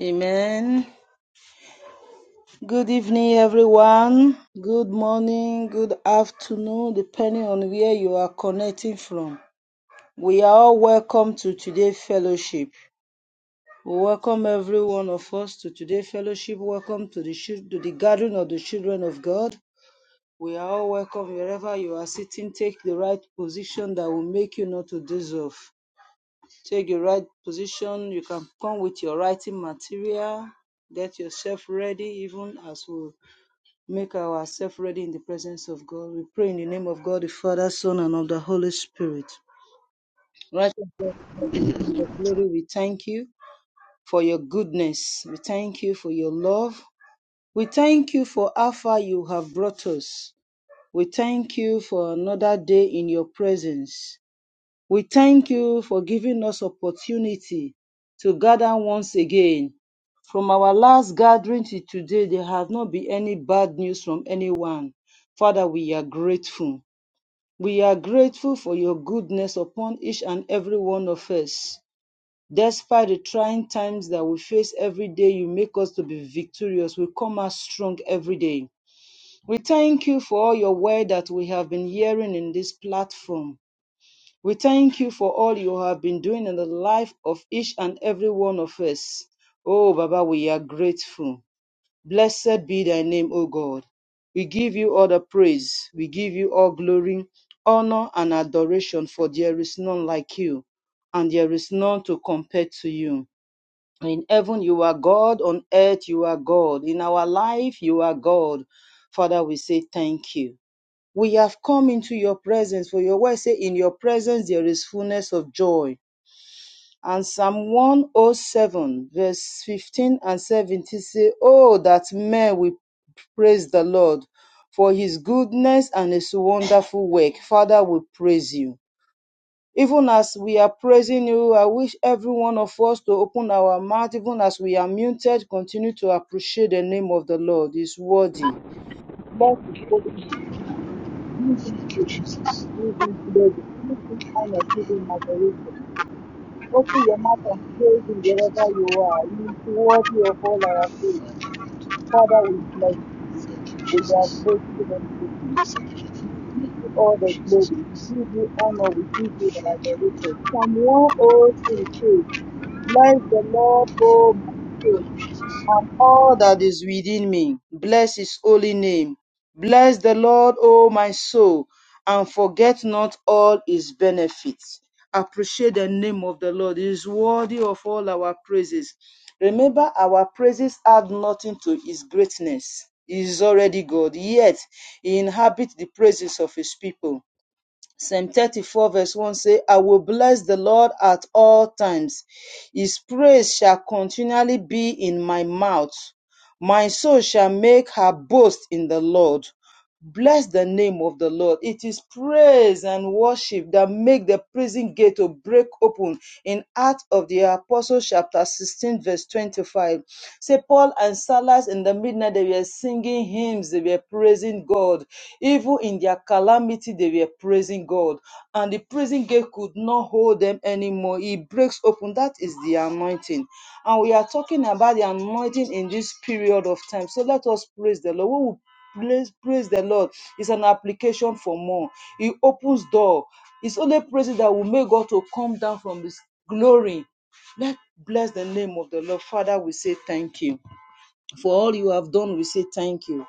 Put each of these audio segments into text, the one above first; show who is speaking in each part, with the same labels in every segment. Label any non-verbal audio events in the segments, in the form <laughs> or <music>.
Speaker 1: Amen. Good evening, everyone. Good morning, good afternoon, depending on where you are connecting from. We are all welcome to today's fellowship. We welcome every one of us to today's fellowship. Welcome to the, to the gathering of the children of God. We are all welcome wherever you are sitting. Take the right position that will make you not to deserve. Take the right position. You can come with your writing material. Get yourself ready, even as we make ourselves ready in the presence of God. We pray in the name of God, the Father, Son, and of the Holy Spirit. Righteous God, King of glory, we thank you for your goodness. We thank you for your love. We thank you for how far you have brought us. We thank you for another day in your presence. We thank you for giving us opportunity to gather once again. From our last gathering to today, there has not been any bad news from anyone. Father, we are grateful. We are grateful for your goodness upon each and every one of us. Despite the trying times that we face every day, you make us to be victorious. We come out strong every day. We thank you for all your word that we have been hearing in this platform. We thank you for all you have been doing in the life of each and every one of us. Oh, Baba, we are grateful. Blessed be thy name, O God. We give you all the praise. We give you all glory, honor, and adoration, for there is none like you, and there is none to compare to you. In heaven, you are God. On earth, you are God. In our life, you are God. Father, we say thank you. We have come into your presence, for your word say, In your presence there is fullness of joy. And Psalm 107, verse 15 and 17 say, Oh, that men will praise the Lord for his goodness and his wonderful work. Father, we praise you. Even as we are praising you, I wish every one of us to open our mouth, even as we are muted, continue to appreciate the name of the Lord. He's worthy. Bless his holy name. Give him
Speaker 2: Thank you, Jesus. Jesus.
Speaker 1: giving glory, giving honor, giving adoration. Open your mouth and praise him
Speaker 2: Thank
Speaker 1: wherever you
Speaker 2: you,
Speaker 1: are. He
Speaker 2: Lord.
Speaker 1: is worthy of all our praise. Father, we bless
Speaker 2: Thank you,
Speaker 1: you. We are
Speaker 2: Jesus. Thank
Speaker 1: grateful unto you.
Speaker 2: you
Speaker 1: We give you all the
Speaker 2: Jesus
Speaker 1: glory. We
Speaker 2: Christ.
Speaker 1: give you honor. We give you
Speaker 2: Thank
Speaker 1: the
Speaker 2: you,
Speaker 1: adoration. Psalm 103 says, Bless the Lord, O my soul and all that is within me. Bless his holy name. Bless the Lord, O my soul, and forget not all his benefits. Appreciate the name of the Lord. He is worthy of all our praises. Remember, our praises add nothing to his greatness. He is already God, yet he inhabits the praises of his people. Psalm 34 verse 1 say, I will bless the Lord at all times. His praise shall continually be in my mouth. My soul shall make her boast in the Lord. Bless the name of the Lord. It is praise and worship that make the prison gate to break open in Acts of the Apostles, chapter 16, verse 25. Say Paul and Silas in the midnight, they were singing hymns, they were praising God. Even in their calamity, they were praising God. And the prison gate could not hold them anymore. It breaks open. That is the anointing. And we are talking about the anointing in this period of time. So let us praise the Lord. We will praise, praise the Lord. It's an application for more. It opens door. It's only praise that will make God to come down from His glory Let's bless the name of the Lord. Father, we say thank you. For all you have done, we say thank you.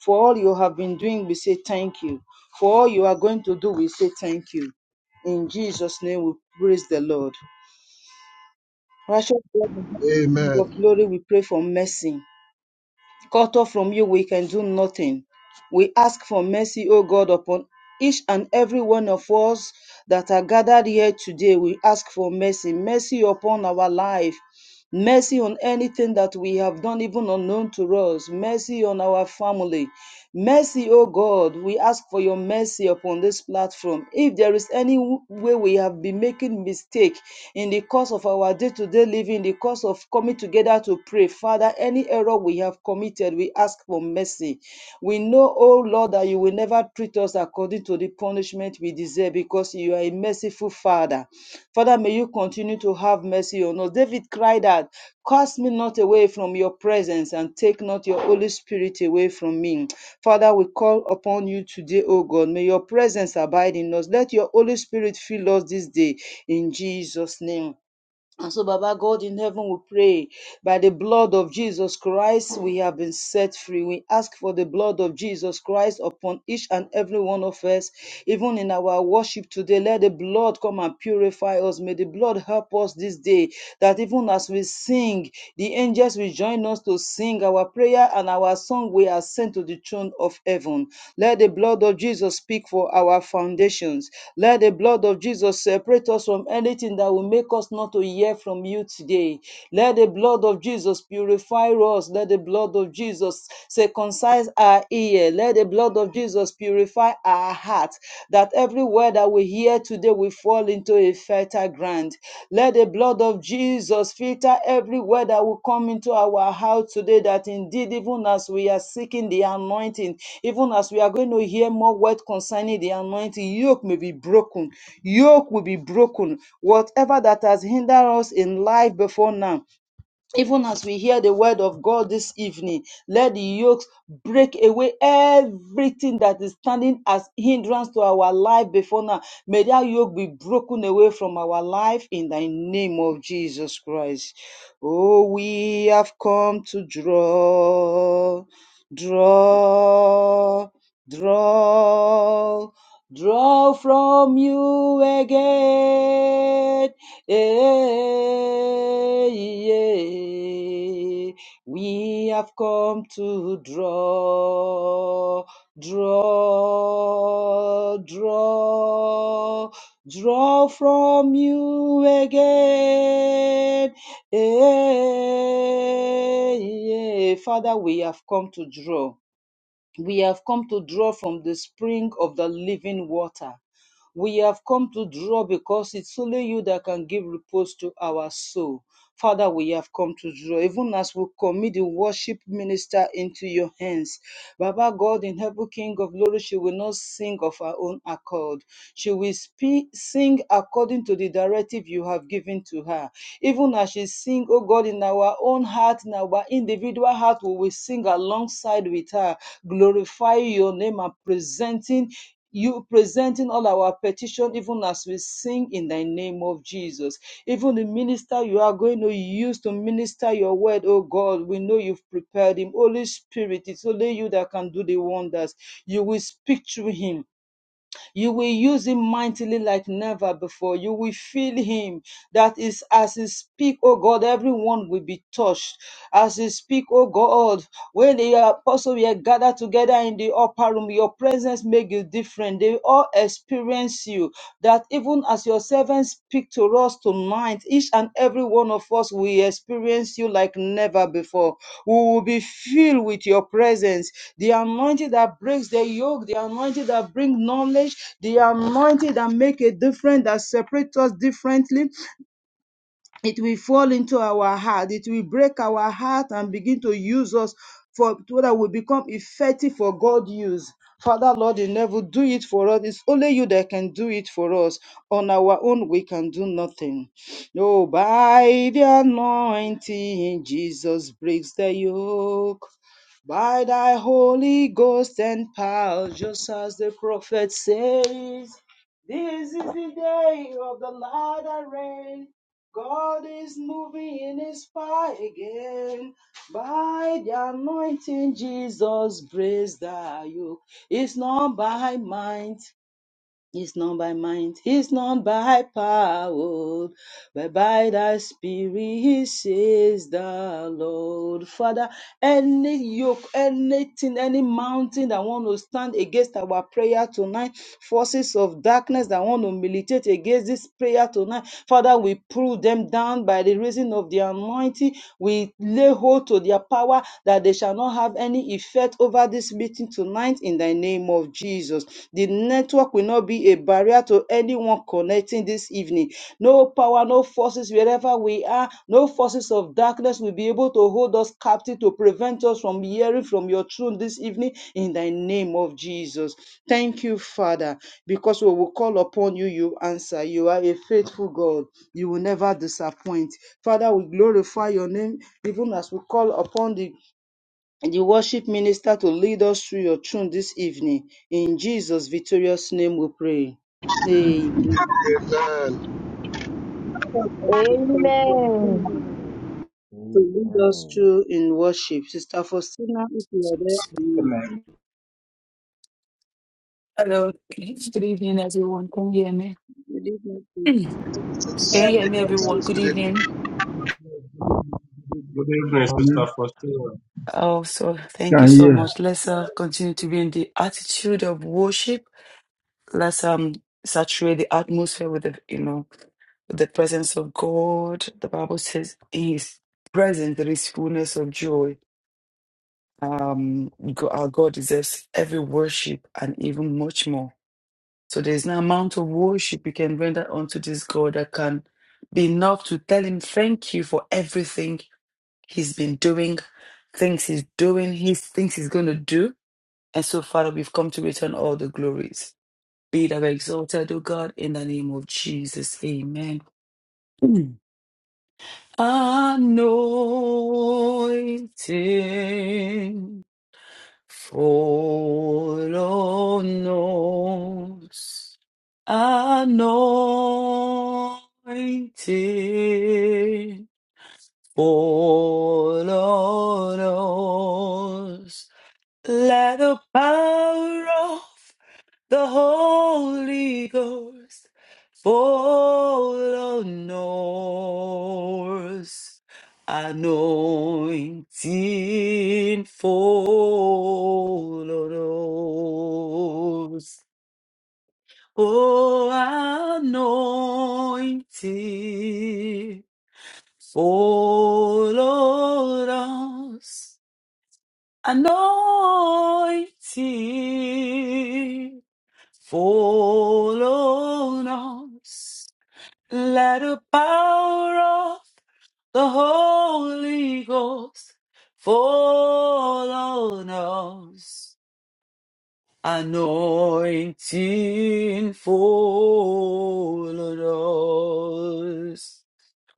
Speaker 1: For all you have been doing, we say thank you. For all you are going to do, we say thank you. In Jesus' name, we praise the Lord. Righteous God, and King of glory, we pray for mercy. Cut off from you, we can do nothing. We ask for mercy, O God, upon each and every one of us that are gathered here today. We ask for mercy, mercy upon our life, mercy on anything that we have done, even unknown to us, mercy on our family, Mercy, O God, we ask for your mercy upon this platform. If there is any way we have been making mistake in the course of our day-to-day living, in the course of coming together to pray, Father, any error we have committed, we ask for mercy. We know, O Lord, that you will never treat us according to the punishment we deserve because you are a merciful Father. Father, may you continue to have mercy on us. David cried out, Cast me not away from your presence and take not your Holy Spirit away from me. Father, we call upon you today, O God. May your presence abide in us. Let your Holy Spirit fill us this day in Jesus' name. And so, Baba God in heaven, we pray by the blood of Jesus Christ, we have been set free. We ask for the blood of Jesus Christ upon each and every one of us, even in our worship today. Let the blood come and purify us. May the blood help us this day that even as we sing, the angels will join us to sing our prayer and our song. We are sent to the throne of heaven. Let let the blood of Jesus speak for our foundations. Let the blood of Jesus separate us from anything that will make us not to hear from you today. Let the blood of Jesus purify us. Let the blood of Jesus circumcise our ear. Let the blood of Jesus purify our heart. That every word that we hear today will fall into a fertile ground. Let the blood of Jesus filter every word that will come into our house today. That indeed, even as we are seeking the anointing, even as we are going to hear more words concerning the anointing, yoke may be broken. Yoke will be broken. Whatever that has hindered us in life before now even as we hear the word of God this evening, let the yokes break away everything that is standing as hindrance to our life before now. May that yoke be broken away from our life in the name of Jesus Christ. Oh, we have come to draw, draw, draw, draw from you again. Hey, yeah. We have come to draw, draw, draw, draw from you again. Hey, yeah. Father, we have come to draw. We have come to draw from the spring of the living water. We have come to draw because it's only you that can give repose to our soul. Father, we have come to draw, even as we commit the worship minister into your hands. Baba God in heaven, King of glory, she will not sing of her own accord. She will spe- sing according to the directive you have given to her. Even as she sings, oh God, in our own heart, in our individual heart, we will sing alongside with her, glorify your name and presenting you presenting all our petition even as we sing in the name of Jesus. Even the minister you are going to use to minister your word, oh God, we know you've prepared him. Holy Spirit, it's only you that can do the wonders. You will speak through him you will use him mightily like never before. You will feel him. That is as he speak, oh God, everyone will be touched. As he speak, oh God, when the apostles were gathered together in the upper room, your presence make you different. They all experience you. That even as your servants speak to us tonight, each and every one of us will experience you like never before. We will be filled with your presence. The anointing that breaks the yoke, the anointing that brings knowledge, the anointing that make a difference, that separates us differently, it will fall into our heart it will break our heart and begin to use us for so that we become effective for God's use father lord you never do it for us it's only you that can do it for us on our own we can do nothing oh by the anointing jesus breaks the yoke by thy holy ghost and power just as the prophet says this is the day of the Lord array. God is moving in his fire again. By the anointing, Jesus breaks the yoke. It's not by might, it's not by might, it's not by power, but by thy spirit, says the Lord. Father, any yoke, anything, any mountain that want to stand against our prayer tonight, forces of darkness that want to militate against this prayer tonight, Father, we pull them down by the reason of the anointing. We lay hold to their power that they shall not have any effect over this this meeting tonight in the name of Jesus. The network will not be a barrier to anyone connecting this evening. No power, no forces wherever we are, no forces of darkness will be able to hold us captive to prevent us from hearing from your throne this evening in the name of Jesus. Thank you, Father, because we will call upon you, you answer. You are a faithful God. You will never disappoint. Father, we glorify your name even as we call upon the and the worship minister to lead us through your tune this evening. In Jesus' victorious name we pray. Amen.
Speaker 2: Amen.
Speaker 3: Amen.
Speaker 4: Amen.
Speaker 1: To lead us
Speaker 4: Amen.
Speaker 1: through in worship. Sister Faustina, if you are there, amen.
Speaker 5: command
Speaker 6: Hello. Good evening, everyone. Can you hear me? <clears throat>
Speaker 1: Good evening.
Speaker 6: Can you hear me, everyone? Good
Speaker 2: Good evening.
Speaker 6: evening.
Speaker 7: Good evening,
Speaker 8: Amen.
Speaker 7: Sister Faustina.
Speaker 6: Oh, so thank you
Speaker 8: Can
Speaker 6: so
Speaker 8: hear.
Speaker 6: much. Let's uh, continue to be in the attitude of worship. Let's um saturate the atmosphere with the you know with the presence of God. The Bible says in His presence there is fullness of joy. Um, Go- our God deserves every worship and even much more. So there is no amount of worship you can render unto this God that can be enough to tell him thank you for everything he's been doing, things he's doing, he things he's going to do. And so, Father, we've come to return all the glories. Be thou exalted, O God, in the name of Jesus. Amen. Mm. Anointing. Foronos anointed. Foronos. Let the power of the Holy Ghost fall on us. Anointing fall on us. Oh, anointing fall on us. Anointing Fall on us. Let the power of the Holy Ghost fall on us. Anointing fall on us.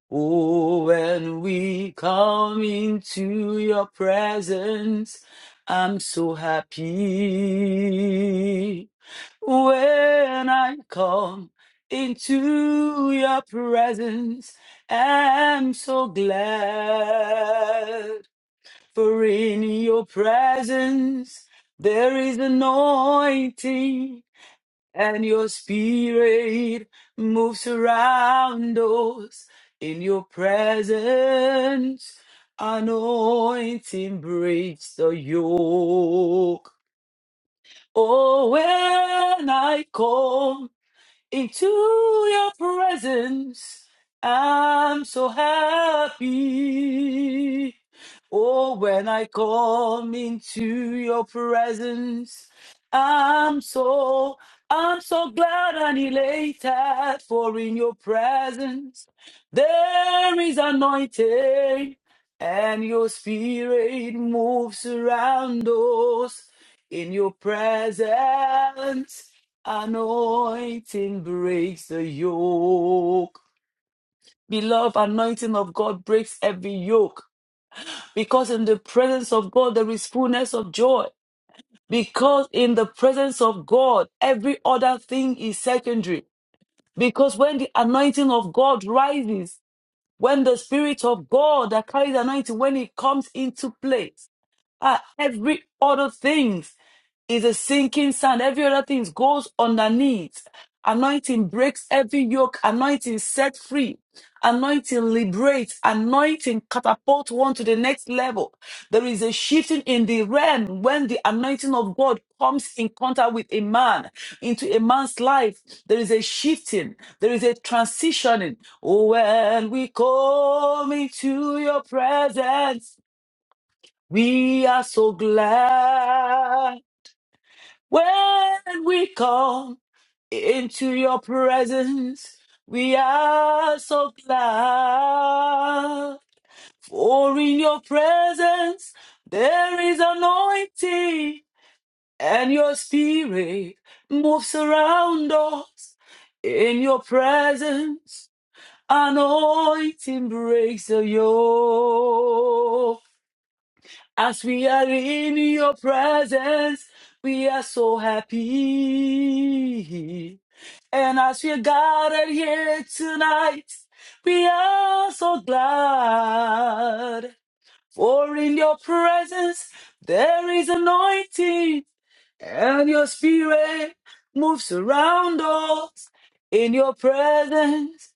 Speaker 6: Oh, when we come into your presence, I'm so happy. When I come into your presence, I'm so glad. For in your presence, there is anointing and your spirit moves around us in your presence. Anointing breaks the yoke. Oh, when I come into your presence. I'm so happy. Oh, when I come into your presence, I'm so, I'm so glad and elated. For in your presence, there is anointing, and your spirit moves around us. In your presence, Anointing breaks the yoke. Beloved, anointing of God breaks every yoke. Because in the presence of God, there is fullness of joy. Because in the presence of God, every other thing is secondary. Because when the anointing of God rises, when the Spirit of God that carries anointing, when it comes into place, ah, every other thing is a sinking sand. Every other thing goes underneath. Anointing breaks every yoke. Anointing set free. Anointing liberates. Anointing catapult one to the next level. There is a shifting in the realm when the anointing of God comes in contact with a man into a man's life. There is a shifting. There is a transitioning. Oh, when we come into your presence, we are so glad. When we come into your presence, we are so glad. For in your presence, there is anointing, and your spirit moves around us. In your presence, anointing breaks the yoke. As we are in your presence, we are so happy. And as we are gathered here tonight, we are so glad. For in your presence, there is anointing, and your spirit moves around us. In your presence,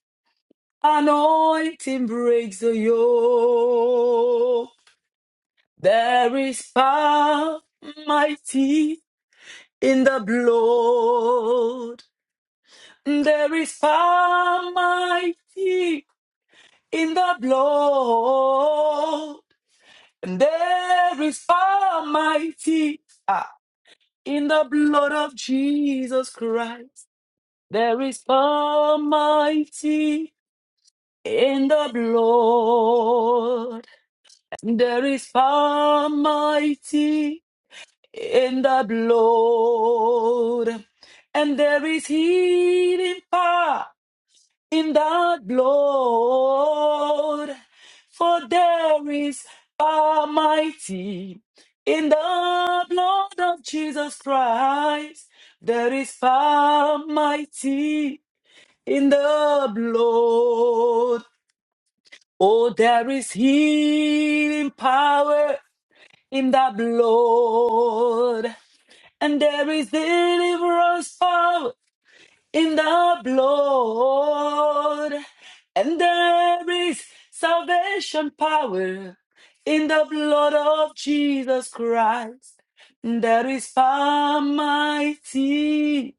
Speaker 6: anointing breaks the yoke. There is power mighty in the blood. There is power mighty in the blood. There is power mighty ah, in the blood of Jesus Christ. There is power mighty in the blood. There is power mighty in the blood. And there is healing power in that blood. For there is power mighty in the blood of Jesus Christ. There is power mighty in the blood. Oh, there is healing power in the blood and there is deliverance power in the blood, and there is salvation power in the blood of Jesus Christ. There is power mighty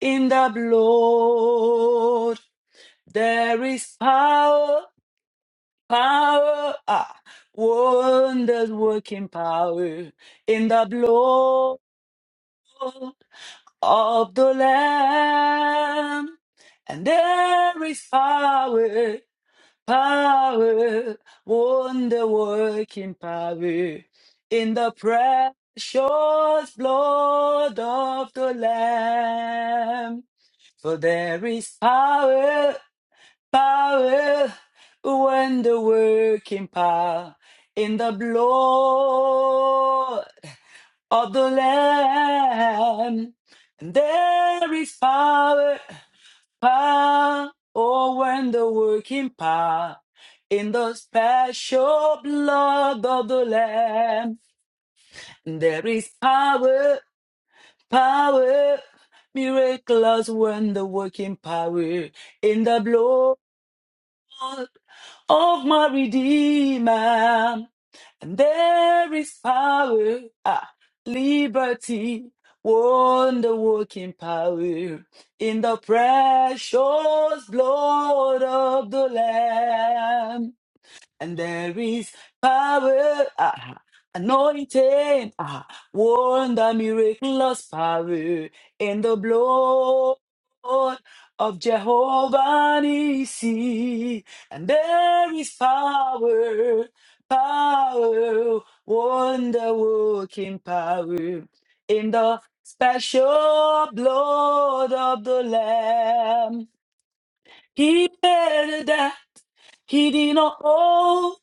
Speaker 6: in the blood. There is power, power, ah, wonders working power in the blood. of the Lamb. And there is power, power, wonder working power in the precious blood of the Lamb. For there is power, power, wonder working power in the blood of the Lamb. And there is power, power, oh, when the working power in the special blood of the Lamb. And there is power, power, Miracles when the working power in the blood. of my Redeemer. And there is power, ah, liberty, wonder working power in the precious blood of the Lamb. And there is power, ah, anointing, ah, wonder, miraculous power in the blood of Jehovah Nissi. And there is power, power, wonder working power in the special blood of the Lamb. He better that. He did not owe.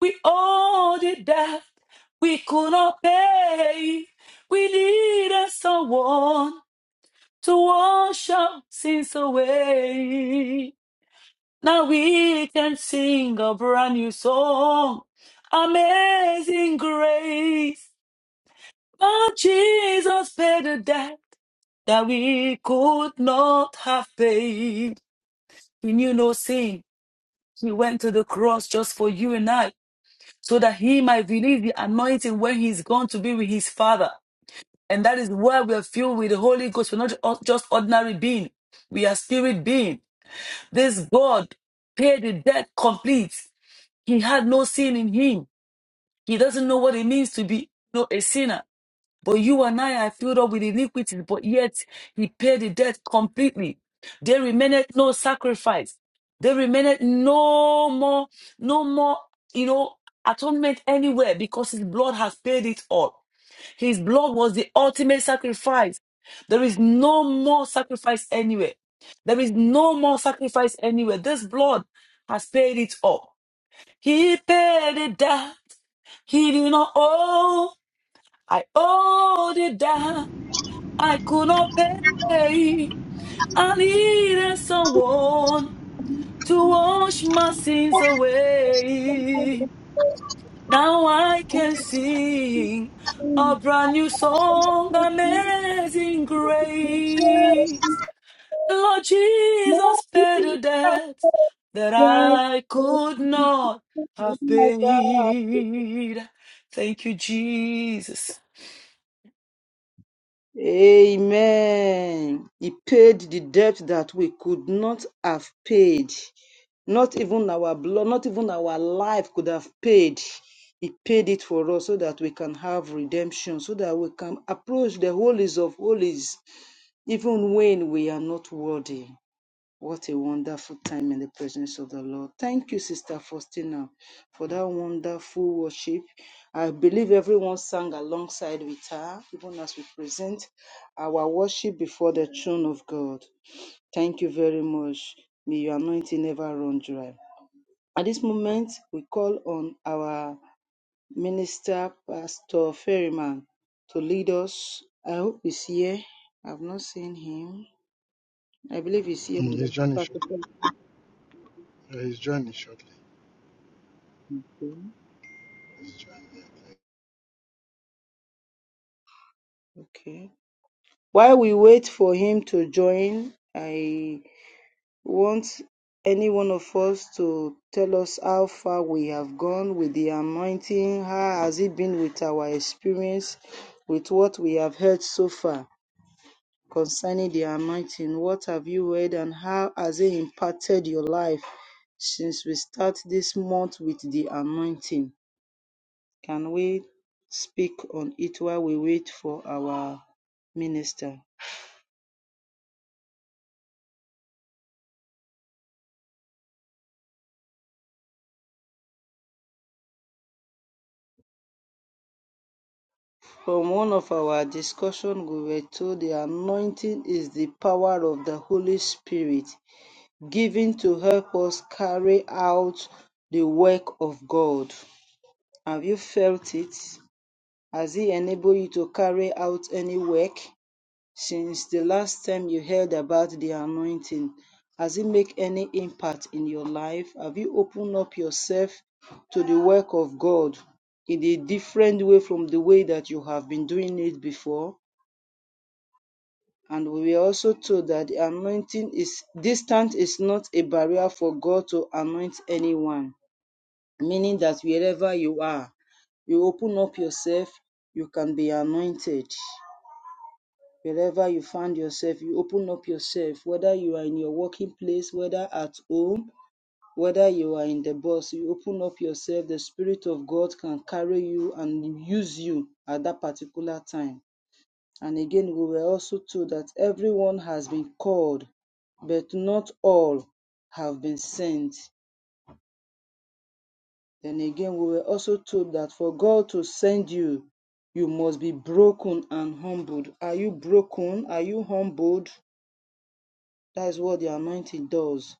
Speaker 6: We all did that. We could not pay. We needed someone to wash our sins away. Now we can sing a brand new song. Amazing grace. But Jesus paid the debt that we could not have paid. We knew no sin. He went to the cross just for you and I, so that he might release the anointing when he's gone to be with his father. And that is why we are filled with the Holy Ghost. We're not just ordinary being. We are spirit being. This God paid the debt complete. He had no sin in him. He doesn't know what it means to be no, a sinner but you and I are filled up with iniquities, but yet he paid the debt completely. There remained no sacrifice. There remained no more, no more, you know, atonement anywhere because his blood has paid it all. His blood was the ultimate sacrifice. There is no more sacrifice anywhere. There is no more sacrifice anywhere. This blood has paid it all. He paid it down. He did not owe. I owed it down. I could not pay. I needed someone to wash my sins away. Now I can sing a brand new song, Amazing Grace. Lord Jesus paid a debt that I
Speaker 1: Amen.
Speaker 6: could not have paid. Thank you, Jesus.
Speaker 1: Amen. He paid the debt that we could not have paid. Not even our blood, not even our life could have paid. He paid it for us so that we can have redemption, so that we can approach the holies of holies, even when we are not worthy. What a wonderful time in the presence of the Lord. Thank you, Sister Faustina, for that wonderful worship. I believe everyone sang alongside with her, even as we present our worship before the throne of God. Thank you very much. May your anointing never run dry. At this moment, we call on our minister, Pastor Ferryman, to lead us. I hope he's here. I've not seen him. I believe he's here
Speaker 2: Mm,
Speaker 1: with
Speaker 2: he's
Speaker 1: us.
Speaker 2: joining shortly.
Speaker 1: Pastor
Speaker 2: Yeah, he's joining shortly.
Speaker 1: Ferryman. Okay. While we wait for him to join, I want any one of us to tell us how far we have gone with the anointing. How has it been with our experience, with what we have heard so far concerning the anointing? What have you heard, and how has it impacted your life since we start this month with the anointing? Can we speak on it while we wait for our minister? From one of our discussions, we were told the anointing is the power of the Holy Spirit given to help us carry out the work of God. Have you felt it? Has it enabled you to carry out any work since the last time you heard about the anointing? Has it made any impact in your life? Have you opened up yourself to the work of God in a different way from the way that you have been doing it before? And we were also told that the anointing is distance is not a barrier for God to anoint anyone, meaning that wherever you are, you open up yourself, you can be anointed. Wherever you find yourself, you open up yourself, whether you are in your working place, whether at home, whether you are in the bus, you open up yourself, the Spirit of God can carry you and use you at that particular time and again, we were also told that everyone has been called, but not all have been sent. Then again, we were also told that for God to send you, you must be broken and humbled. Are you broken? Are you humbled? That is what the anointing does.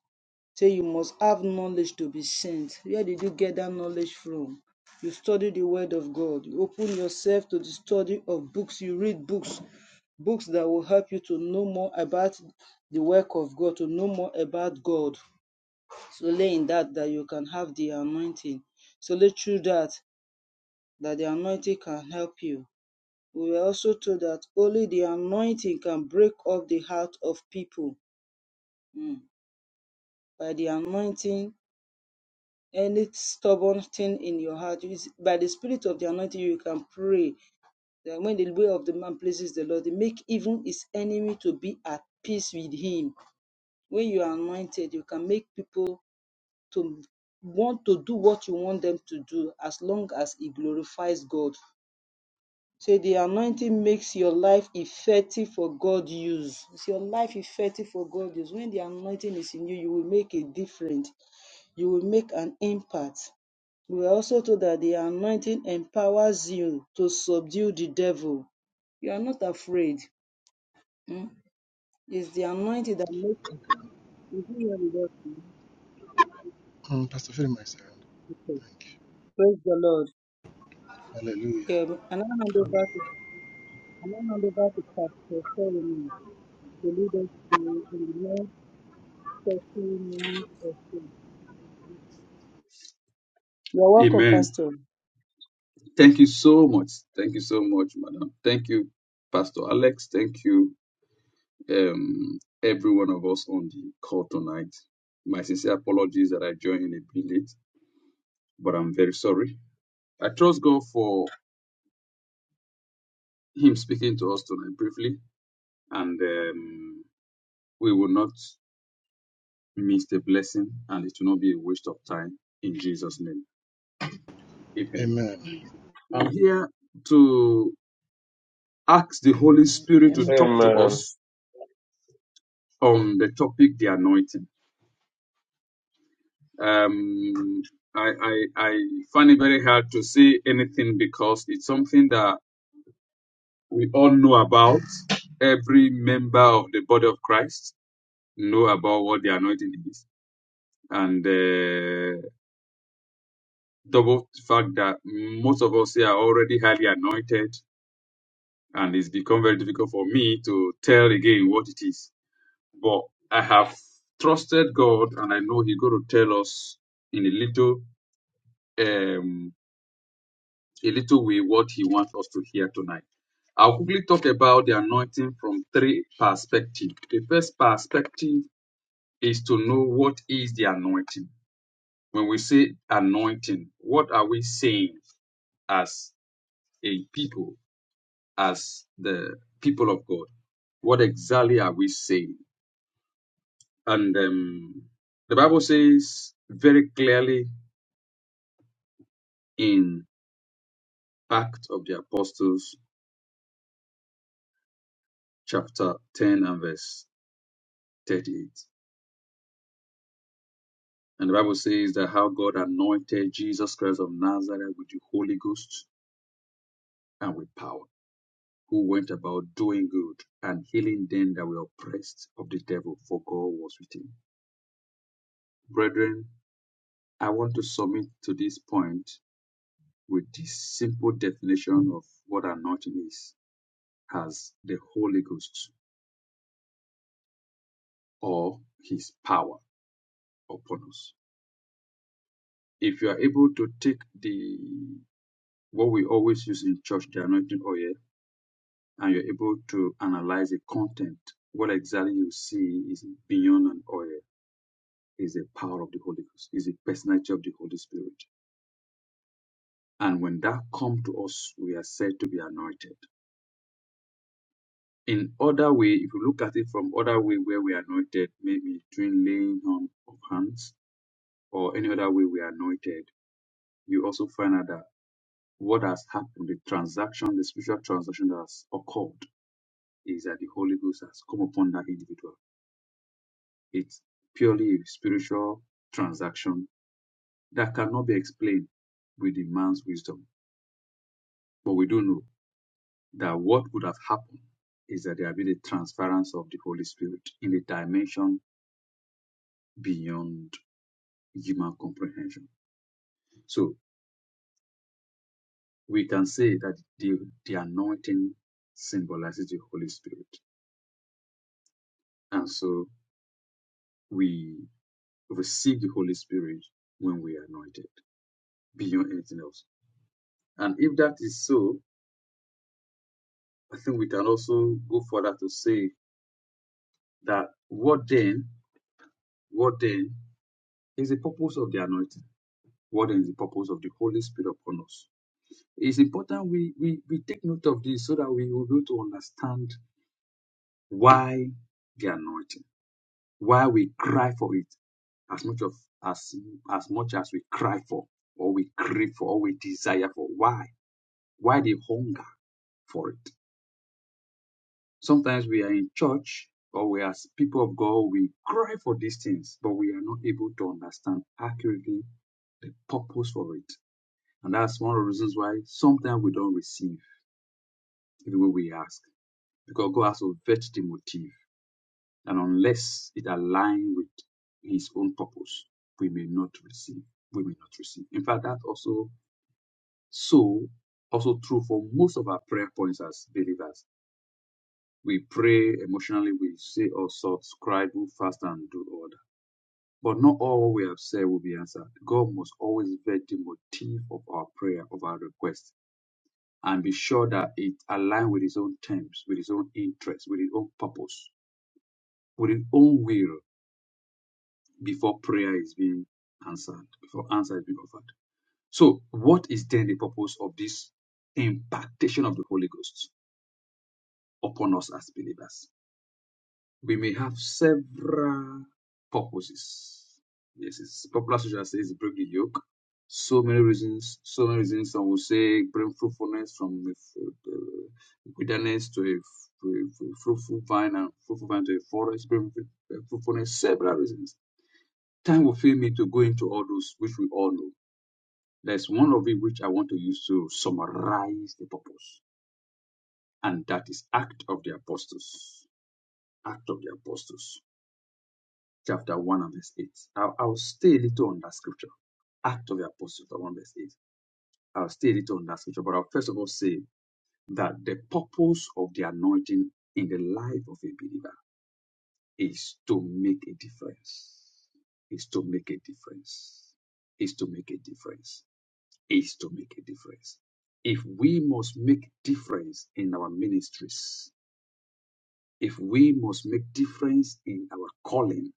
Speaker 1: Say you must have knowledge to be sent. Where did you get that knowledge from? You study the word of God. You open yourself to the study of books. You read books books that will help you to know more about the work of God, to know more about God. Solely in that, that you can have the anointing. Solely through that, that the anointing can help you. We were also told that only the anointing can break up the heart of people. Mm. By the anointing, any stubborn thing in your heart, is by the spirit of the anointing, you can pray. That when the way of the man pleases the Lord, they make even his enemy to be at peace with him when you are anointed, you can make people to want to do what you want them to do as long as it glorifies God. So the anointing makes your life effective for God use. It's your life effective for God use. When the anointing is in you, you will make a difference. You will make an impact. We are also told that the anointing empowers you to subdue the devil. You are not afraid. Mm? It's the anointing that makes you.
Speaker 2: Mm, Pastor Philip, my servant. Thank you.
Speaker 1: Praise the Lord.
Speaker 2: Hallelujah.
Speaker 1: Yeah, and I hand over to And then hand over to Pastor to in the next 30 minutes or so. You're welcome,
Speaker 9: Amen.
Speaker 1: Pastor.
Speaker 9: Thank you so much. Thank you so much, Madam. Thank you, Pastor Alex. Thank you, um, every one of us on the call tonight. My sincere apologies that I joined a bit late, but I'm very sorry. I trust God for Him speaking to us tonight briefly, and um, we will not miss the blessing, and it will not be a waste of time. In Jesus' name, Amen.
Speaker 2: Amen.
Speaker 9: I'm here to ask the Holy Spirit to talk to
Speaker 10: Amen.
Speaker 7: Amen.
Speaker 9: us on the topic the anointing Um, I, I, I find it very hard to say anything because it's something that we all know about. Every member of the body of Christ know about what the anointing is. And uh, double the fact that most of us here are already highly anointed, and it's become very difficult for me to tell again what it is. But I have trusted God, and I know He's going to tell us in a little. um, a little way what he wants us to hear tonight. I'll quickly talk about the anointing from three perspectives. The first perspective is to know what is the anointing. When we say anointing, what are we saying as a people, as the people of God? What exactly are we saying? And um, the Bible says very clearly in Acts of the Apostles, chapter 10 and verse 38. And the Bible says that how God anointed Jesus Christ of Nazareth with the Holy Ghost and with power, who went about doing good and healing them that were oppressed of the devil, for God was with him. Brethren, I want to submit to this point with this simple definition of what anointing is as the Holy Ghost or his power upon us. If you are able to take the what we always use in church, the anointing oil, and you're able to analyze the content, what exactly you see is beyond an oil, is the power of the Holy Ghost, is the personality of the Holy Spirit. And when that comes to us, we are said to be anointed. In other way, if you look at it from other way where we are anointed, maybe during laying on of hands or any other way we are anointed, you also find out that what has happened, the transaction, the spiritual transaction that has occurred, is that the Holy Ghost has come upon that individual It's purely a spiritual transaction that cannot be explained with the man's wisdom. But we do know that what would have happened is that there had been a transference of the Holy Spirit in a dimension beyond human comprehension. So we can say that the, the anointing symbolizes the Holy Spirit. And so we receive the Holy Spirit when we are anointed beyond anything else. And if that is so, I think we can also go further to say that what then, what then is the purpose of the anointing? What then is the purpose of the Holy Spirit upon us? It's important we, we, we take note of this so that we will be able to understand why the anointing, why we cry for it as much of as as much as we cry for, or we crave for, or we desire for. Why? Why the hunger for it? Sometimes we are in church or we as people of God, we cry for these things, but we are not able to understand accurately the purpose for it. And that's one of the reasons why sometimes we don't receive even when we ask, because God has to vet the motive. And unless it aligns with His own purpose, we may not receive. We may not receive. In fact, that's also so also true for most of our prayer points as believers We pray emotionally, we say all sorts, cry, do fast, and do order. But not all we have said will be answered. God must always vet the motive of our prayer, of our request, and be sure that it aligns with His own terms, with His own interests, with His own purpose, with His own will before prayer is being answered, before answer is being offered. So, what is then the purpose of this impartation of the Holy Ghost upon us as believers? We may have several purposes. Yes, it's popular social says break the yoke. So many reasons, so many reasons. Some will say bring fruitfulness from the f- uh, wilderness to a, f- to a fruitful vine and fruitful vine to a forest. Bring uh, fruitfulness, several reasons. Time will fail me to go into all those which we all know. There's one of it which I want to use to summarize the purpose, and that is act of the apostles. Act of the apostles chapter 1 and verse 8. I'll, I'll stay a little on that scripture, Act of the Apostles, chapter 1, verse 8. I'll stay a little on that scripture, but I'll first of all say that the purpose of the anointing in the life of a believer is to make a difference. Is to make a difference. Is to make a difference. Is to make a difference. If we must make difference in our ministries, if we must make difference in our calling,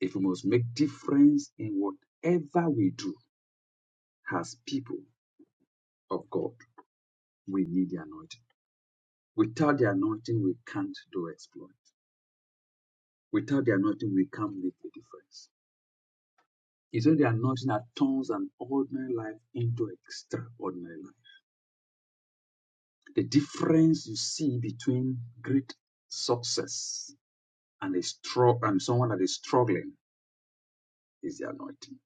Speaker 9: if we must make difference in whatever we do, as people of God, we need the anointing. Without the anointing, we can't do exploit. Without the anointing, we can't make a difference. It's only the anointing that turns an ordinary life into extraordinary life. The difference you see between great success and a strong and someone that is struggling is the anointing.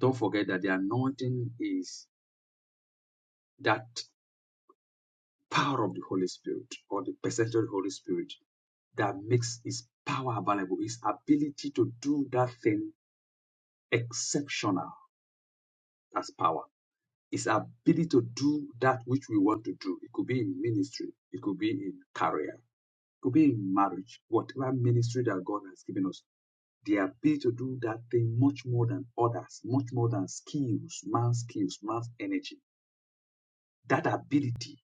Speaker 9: Don't forget that the anointing is that power of the Holy Spirit or the percentage of the Holy Spirit that makes his power available, his ability to do that thing exceptional That's power, his ability to do that which we want to do. It could be in ministry, it could be in career, it could be in marriage, whatever ministry that God has given us. The ability to do that thing much more than others, much more than skills, man's skills, man's energy. That ability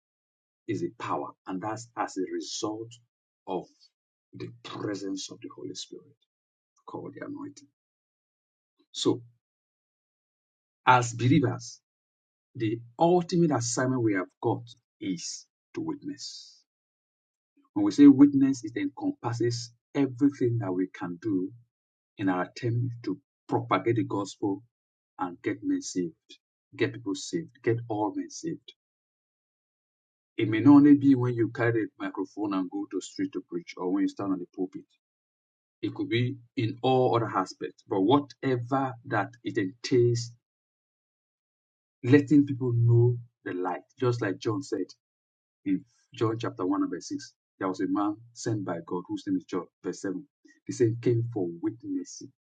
Speaker 9: is a power, and that's as a result of the presence of the Holy Spirit called the anointing. So, as believers, the ultimate assignment we have got is to witness. When we say witness, it encompasses everything that we can do in our attempt to propagate the gospel and get men saved, get people saved, get all men saved. It may not only be when you carry a microphone and go to the street to preach or when you stand on the pulpit. It could be in all other aspects, but whatever that it entails, letting people know the light. Just like John said in John chapter 1 and verse 6, there was a man sent by God whose name is John, verse 7. He said, came for witnessing,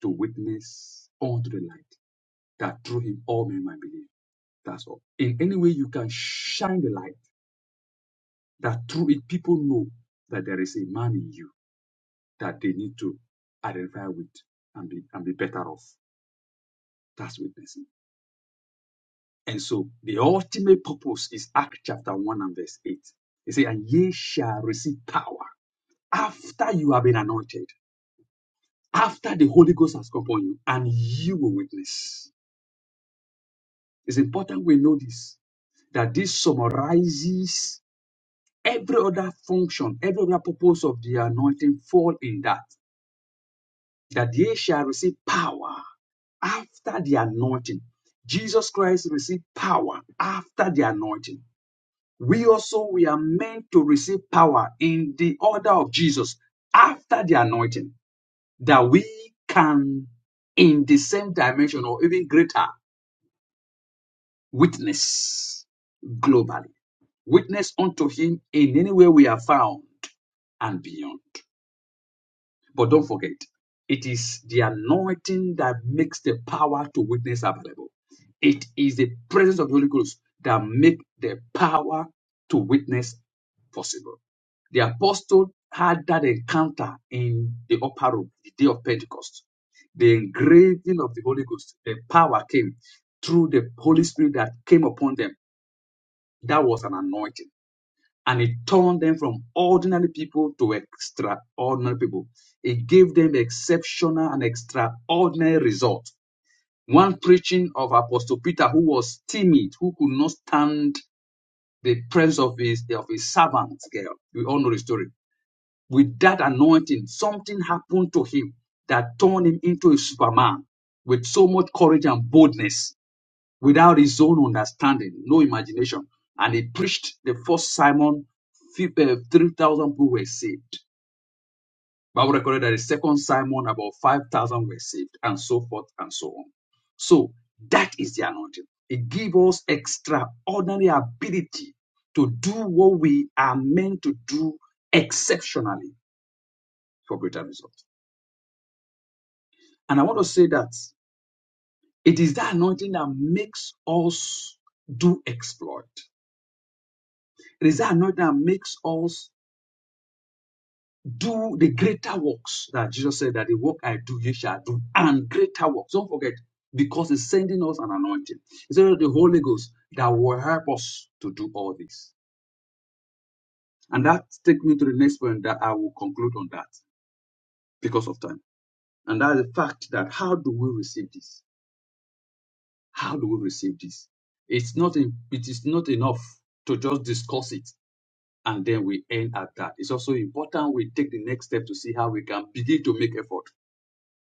Speaker 9: to witness unto the light, that through him all men might believe. That's all. In any way you can shine the light, that through it people know that there is a man in you that they need to identify with and be, and be better off. That's witnessing. And so the ultimate purpose is Acts chapter 1 and verse 8. He say, And ye shall receive power after you have been anointed, after the Holy Ghost has come upon you, and you will witness. It's important we know this, that this summarizes every other function, every other purpose of the anointing fall in that. That ye shall receive power after the anointing. Jesus Christ received power after the anointing. we also we are meant to receive power in the order of Jesus after the anointing that we can in the same dimension or even greater witness globally witness unto him in any way we are found and beyond but don't forget it is the anointing that makes the power to witness available it is the presence of the holy ghost that makes the power to witness possible The apostle had that encounter in the upper room, the day of Pentecost. The engraving of the Holy Ghost, the power came through the Holy Spirit that came upon them. That was an anointing. And it turned them from ordinary people to extraordinary people. It gave them exceptional and extraordinary results. One preaching of Apostle Peter, who was timid, who could not stand the presence of his, of his servant girl. We all know the story with that anointing, something happened to him that turned him into a superman with so much courage and boldness without his own understanding, no imagination. And he preached the first Simon, fif- uh, 3,000 people were saved. Bible recorded that the second Simon, about 5,000 were saved, and so forth and so on. So that is the anointing. It gives us extraordinary ability to do what we are meant to do exceptionally for greater results. And I want to say that it is that anointing that makes us do exploit. It is that anointing that makes us do the greater works that Jesus said that the work I do, you shall do, and greater works. Don't forget, because He's sending us an anointing. It's the Holy Ghost that will help us to do all this. And that takes me to the next point that I will conclude on that because of time. And that is the fact that how do we receive this? How do we receive this? It's not in, it is not enough to just discuss it and then we end at that. It's also important we take the next step to see how we can begin to make effort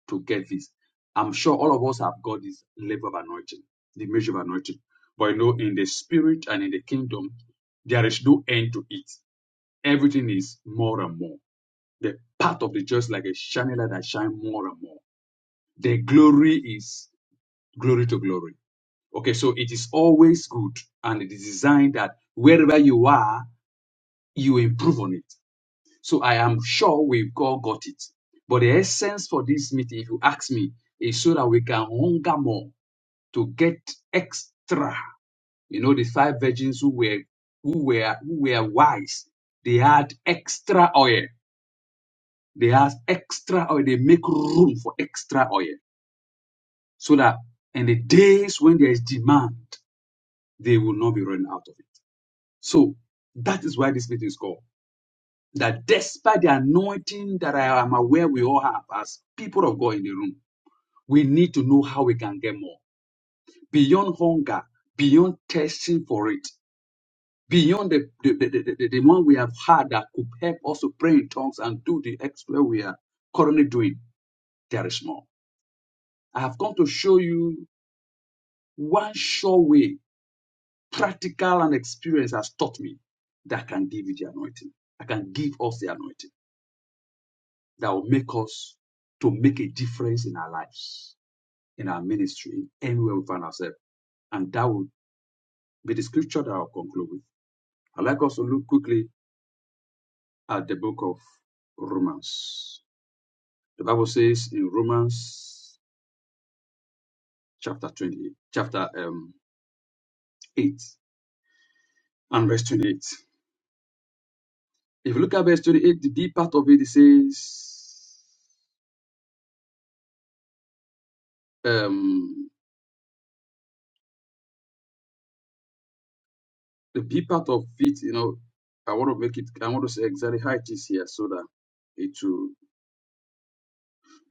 Speaker 9: to get this. I'm sure all of us have got this level of anointing, the measure of anointing. But you know, in the spirit and in the kingdom, there is no end to it. Everything is more and more. The path of the just like a shining light that shine more and more. The glory is glory to glory. Okay, so it is always good and it is designed that wherever you are, you improve on it. So I am sure we've all got it. But the essence for this meeting, if you ask me, is so that we can hunger more to get extra. You know, the five virgins who were who were who were wise, they had extra oil. They had extra oil. They make room for extra oil. So that in the days when there is demand, they will not be running out of it. So that is why this meeting is called. That despite the anointing that I am aware we all have as people of God in the room, we need to know how we can get more beyond hunger, beyond testing for it, beyond the, the, the, the, the- the one we have had that could help us to pray in tongues and do the exploit we are currently doing. There is more. I have come to show you one sure way, practical and experience has taught me that I can give you the anointing. I can give us the anointing. that will make us to make a difference in our lives, in our ministry, in anywhere we find ourselves. And that will be the scripture that I'll conclude with. I'd like us to look quickly at the book of Romans. The Bible says in Romans chapter 20, chapter um, 8 and verse 28. If you look at verse 28, the B part of it, it says, um, the B part of it, you know, I want to make it, I want to say exactly how it is here so that it will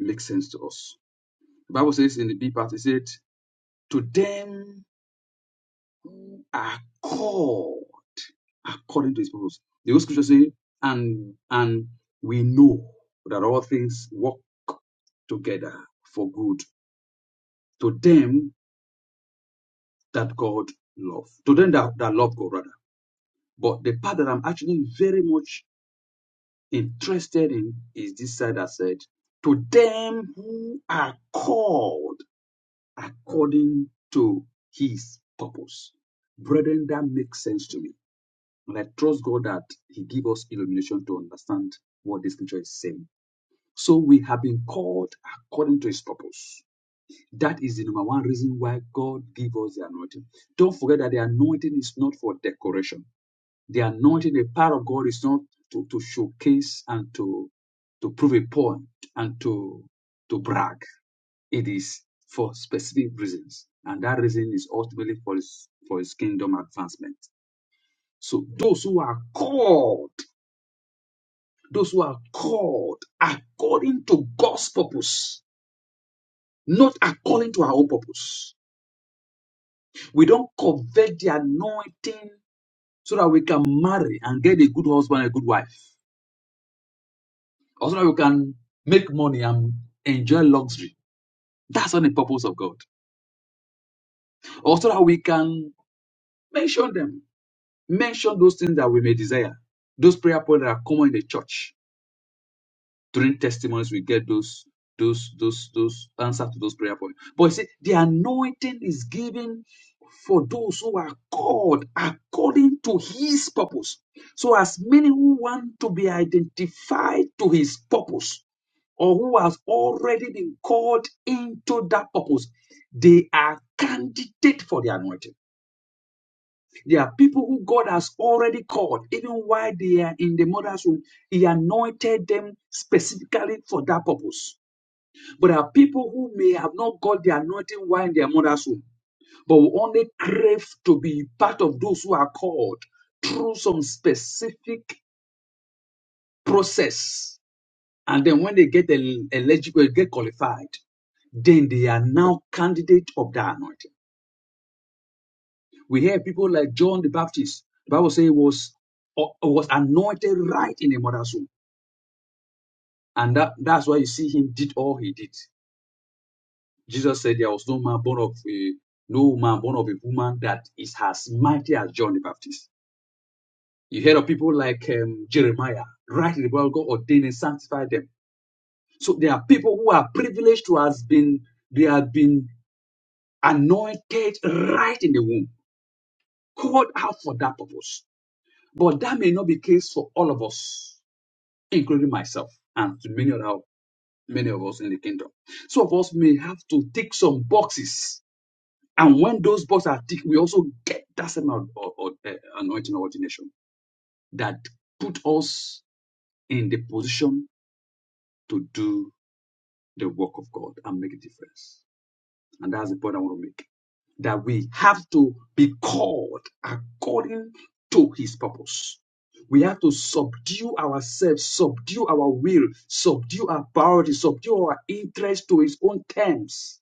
Speaker 9: makes sense to us. The Bible says in the B part, it said, To them who are called according to his purpose. The old scripture say, and and we know that all things work together for good to them that God love. To them that, that love God rather. But the part that I'm actually very much interested in is this side that said, To them who are called according to his purpose. Brethren, that makes sense to me. And I trust God that He give us illumination to understand what the scripture is saying. So we have been called according to his purpose. That is the number one reason why God gave us the anointing. Don't forget that the anointing is not for decoration. The anointing, the power of God is not to, to showcase and to to prove a point and to to brag. It is for specific reasons, and that reason is ultimately for his, for his kingdom advancement. So those who are called, those who are called according to God's purpose, not according to our own purpose. We don't covet the anointing so that we can marry and get a good husband, a good wife, or so that we can make money and enjoy luxury. That's not the purpose of God. Or so that we can mention them Mention those things that we may desire. Those prayer points that are common in the church. During testimonies, we get those, those, those, those answer to those prayer points. But he said the anointing is given for those who are called according to his purpose. So as many who want to be identified to his purpose or who has already been called into that purpose, they are candidate for the anointing. There are people who God has already called, even while they are in the mother's womb. He anointed them specifically for that purpose. But there are people who may have not got the anointing while in their mother's womb, but will only crave to be part of those who are called through some specific process. And then when they get el- eligible, get qualified, then they are now candidate of the anointing. We hear people like John the Baptist. The Bible says he was or- was anointed right in a mother's womb, and that that's why you see him did all he did. Jesus said there was no man born of a no man born of a woman that is as mighty as John the Baptist. You hear of people like um, Jeremiah, right in the Bible, God ordained and sanctified them. So there are people who are privileged to has been they have been anointed right in the womb, called out for that purpose. But that may not be the case for all of us. including myself and to many other many of us in the kingdom. Some of us may have to tick some boxes, and when those boxes are ticked, we also get that same or, or, uh, anointing or ordination that put us in the position to do the work of God and make a difference. And that's the point I want to make. that we have to be called according to his purpose. We have to subdue ourselves, subdue our will, subdue our priorities, subdue our interest to his own terms.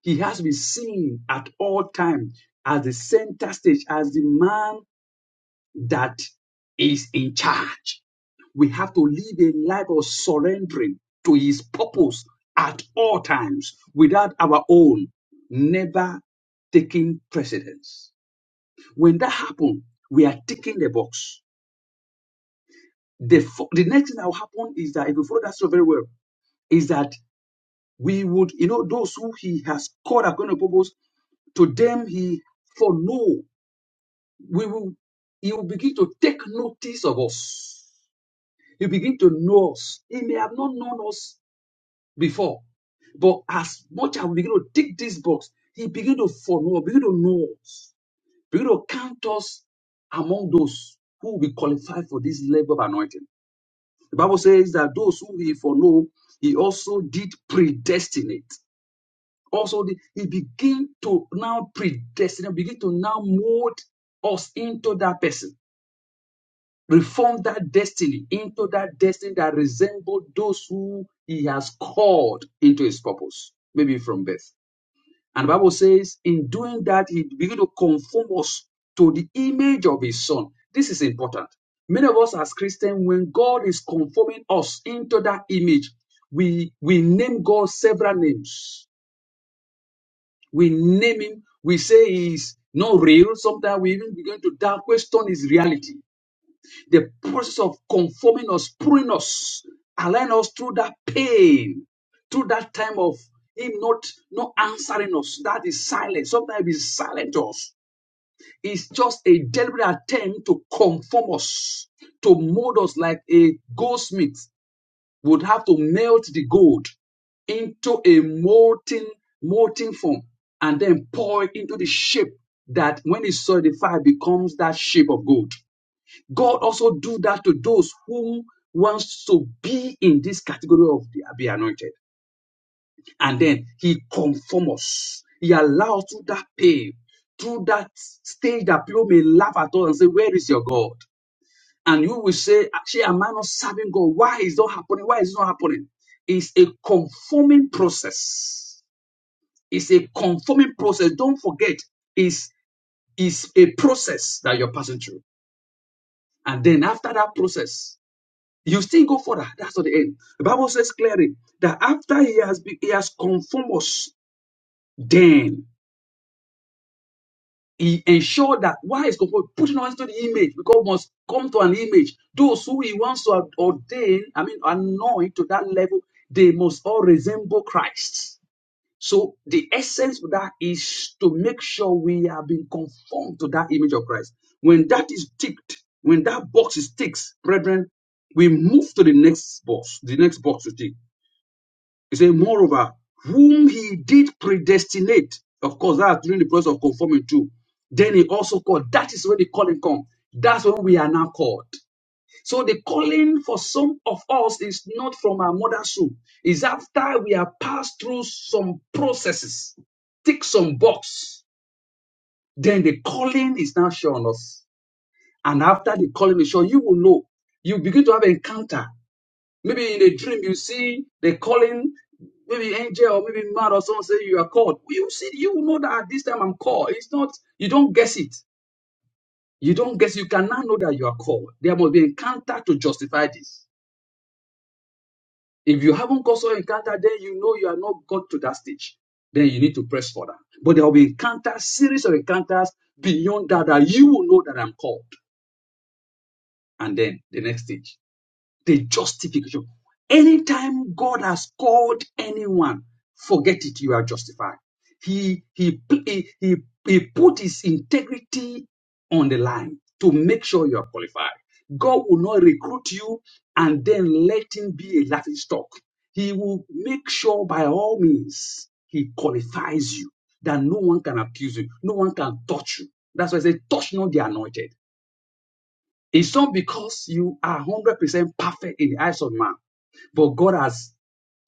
Speaker 9: He has been seen at all times as the center stage, as the man that is in charge. We have to live a life of surrendering to His purpose at all times without our own never taking precedence. When that happens, we are ticking the box. The, fo- the next thing that will happen is that, if you follow that so very well, is that we would, you know, those who He has called according to purpose, to them He for no, we will, He will begin to take notice of us. He will begin to know us. He may have not known us before. But as much as we begin to tick these box, he begin to follow, begin to know us, begin to count us among those who will be qualified for this level of anointing. The Bible says that those who he foreknow, he also did predestinate. Also, the- he began to now predestinate, begin to now mold us into that person, reform that destiny into that destiny that resembles those who he has called into his purpose, maybe from birth. And the Bible says, in doing that, he began to conform us to the image of his son. This is important. Many of us as Christians, when God is conforming us into that image, we, we name God several names. We name him, we say he's not real. Sometimes we even begin to doubt, question his reality. The process of conforming us, pruning us, allowing us through that pain, through that time of him not not answering us. That is silence. Sometimes he's silent to us. It's just a deliberate attempt to conform us, to mold us like a goldsmith would have to melt the gold into a molten molten form and then pour it into the shape that when it's solidified becomes that shape of gold God also do that to those whom wants to be in this category of the, be anointed. And then he conform us. He allows through that pain, through that stage that people may laugh at us and say, where is your God? And you will say, actually, am I not serving God? Why is not happening? Why is it not happening? It's a conforming process. It's a conforming process. Don't forget, it's, it's a process that you're passing through. And then after that process, You still go further. That's not the end. The Bible says clearly that after he has be, he has conformed us, then he ensured that why is conformed putting us to the image because we must come to an image. Those who he wants to ordain, I mean anoint to that level, they must all resemble Christ. So the essence of that is to make sure we have been conformed to that image of Christ. When that is ticked, when that box is ticked, brethren, we move to the next box, the next box to tick. He said, Moreover, whom he did predestinate, of course, that's during the process of conforming to, then he also called. That is when the calling comes. That's when we are now called. So the calling for some of us is not from our mother's womb. It's after we have passed through some processes, tick some box, then the calling is now shown us. And after the calling is shown, you will know. You begin to have encounter Maybe in a dream you see the calling, maybe angel or maybe man or someone say you are called. You see, you know that at this time I'm called. It's not, you don't guess it. You don't guess, you cannot know that you are called. There must be encounter to justify this. If you haven't got so encounter, then you know you are not got to that stage. Then you need to press further. But there will be encounters, series of encounters beyond that that you will know that I'm called. And then the next stage. the justification. Anytime God has called anyone, forget it, you are justified. He he he he, he put his integrity on the line to make sure you are qualified. God will not recruit you and then let him be a laughing stock. He will make sure by all means he qualifies you that no one can accuse you, no one can touch you. That's why I say touch not the anointed. It's not because you are 100% perfect in the eyes of man. But God has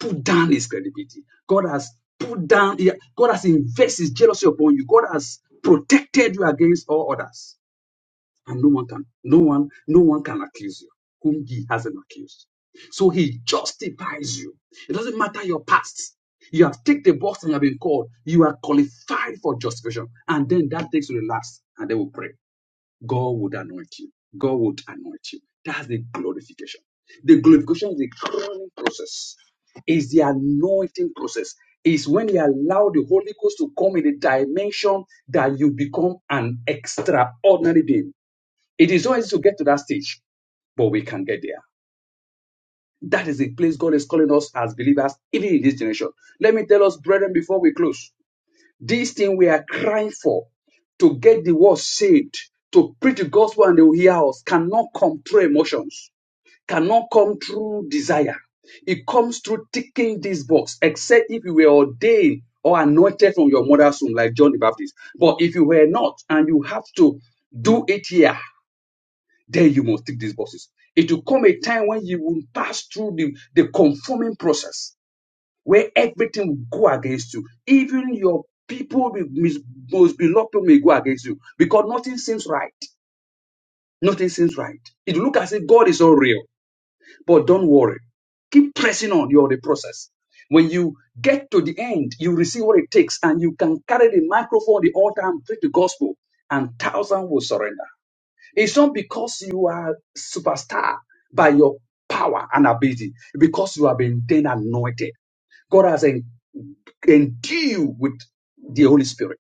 Speaker 9: put down his credibility. God has put down, yeah, God has invested his jealousy upon you. God has protected you against all others. And no one can, no one, no one can accuse you whom he hasn't accused. So he justifies you. It doesn't matter your past. You have ticked the box and you have been called. You are qualified for justification. And then that takes you to the last, and they will pray. God would anoint you. God would anoint you. That's the glorification. The glorification is the crowning process. Is the anointing process. Is when you allow the Holy Ghost to come in the dimension that you become an extraordinary being. It is always to get to that stage, but we can get there. That is the place God is calling us as believers, even in this generation. Let me tell us, brethren, before we close. This thing we are crying for to get the world saved, to preach the gospel and they will hear us, cannot come through emotions, cannot come through desire. It comes through ticking this box, except if you were ordained or anointed from your mother's womb, like John the Baptist. But if you were not and you have to do it here, then you must tick these boxes. It will come a time when you will pass through the, the conforming process where everything will go against you. Even your people, will mis- most beloved people, may go against you because nothing seems right. Nothing seems right. It look as if God is not real, but don't worry. Keep pressing on. your the process. When you get to the end, you receive what it takes, and you can carry the microphone, the altar, and preach the gospel, and thousands will surrender. It's not because you are superstar by your power and ability, because you have been then anointed. God has en- endued with the Holy Spirit.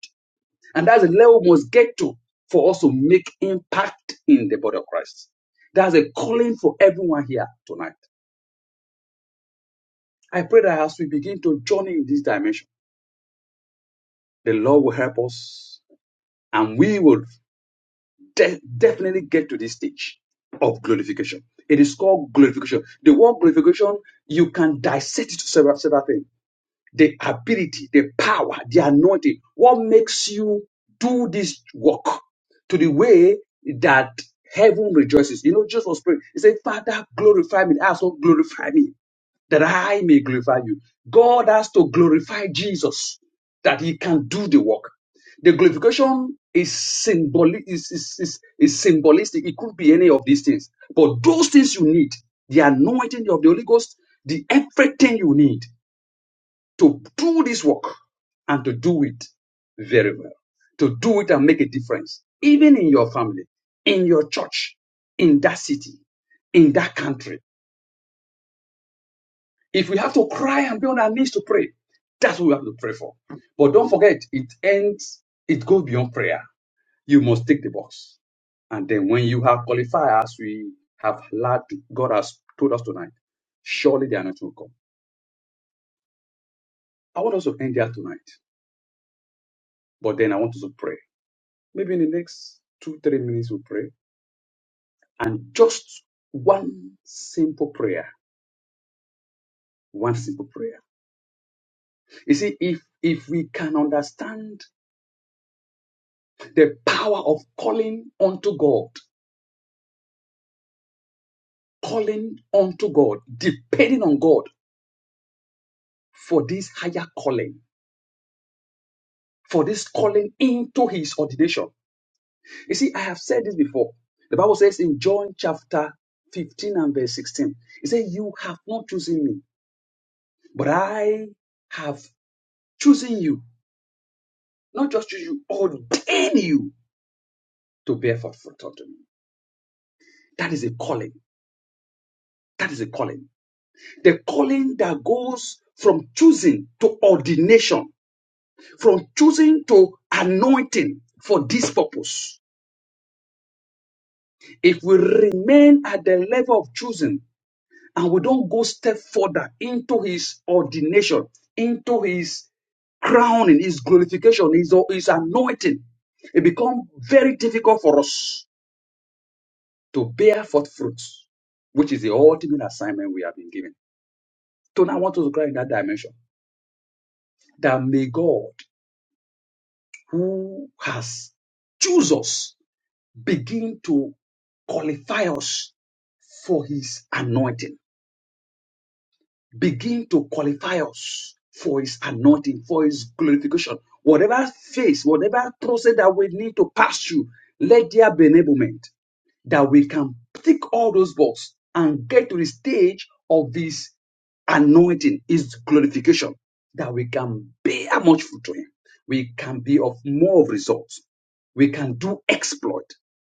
Speaker 9: And that's the level we must get to for us to make impact in the body of Christ. That's a calling for everyone here tonight. I pray that as we begin to journey in this dimension, the Lord will help us and we will de- definitely get to this stage of glorification. It is called glorification. The word glorification, you can dissect it to several, several things. the ability, the power, the anointing. What makes you do this work to the way that heaven rejoices? You know, Jesus was praying. He said, Father, glorify me. Also glorify me, that I may glorify you. God has to glorify Jesus that he can do the work. The glorification is symbolic, is, is, is, is symbolistic. It could be any of these things. But those things you need, the anointing of the Holy Ghost, the everything you need to do this work and to do it very well, to do it and make a difference, even in your family, in your church, in that city, in that country. If we have to cry and be on our knees to pray, that's what we have to pray for. But don't forget, it ends, it goes beyond prayer. You must take the box. And then when you have qualified, as we have allowed, God has told us tonight, surely the anointing will come. I want us to end there tonight. But then I want us to pray. Maybe in the next two, three minutes we'll pray. And just one simple prayer. One simple prayer. You see, if if we can understand the power of calling unto God, calling unto God, depending on God for this higher calling, for this calling into his ordination. You see, I have said this before. The Bible says in John chapter 15 and verse 16, it says, You have not chosen me, but I have chosen you Not just choose you, ordain you to bear forth fruit unto me. That is a calling. That is a calling. The calling that goes from choosing to ordination, from choosing to anointing for this purpose. If we remain at the level of choosing and we don't go step further into his ordination, into his crowning, his glorification, his, his anointing, it becomes very difficult for us to bear forth fruits, which is the ultimate assignment we have been given. Tonight, I want us to cry in that dimension that may God, who has chosen, us, begin to qualify us for His anointing, begin to qualify us for His anointing, for His glorification. Whatever phase, whatever process that we need to pass through, let there be enablement that we can tick all those boxes and get to the stage of this. anointing is glorification that we can bear much fruit to him we can be of more of results we can do exploit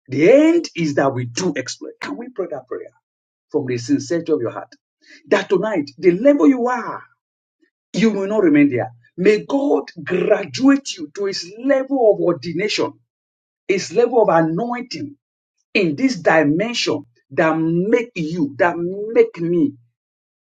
Speaker 9: the end is that we do exploit can we pray that prayer from the sincerity of your heart that tonight the level you are you will not remain there may god graduate you to his level of ordination his level of anointing in this dimension that make you that make me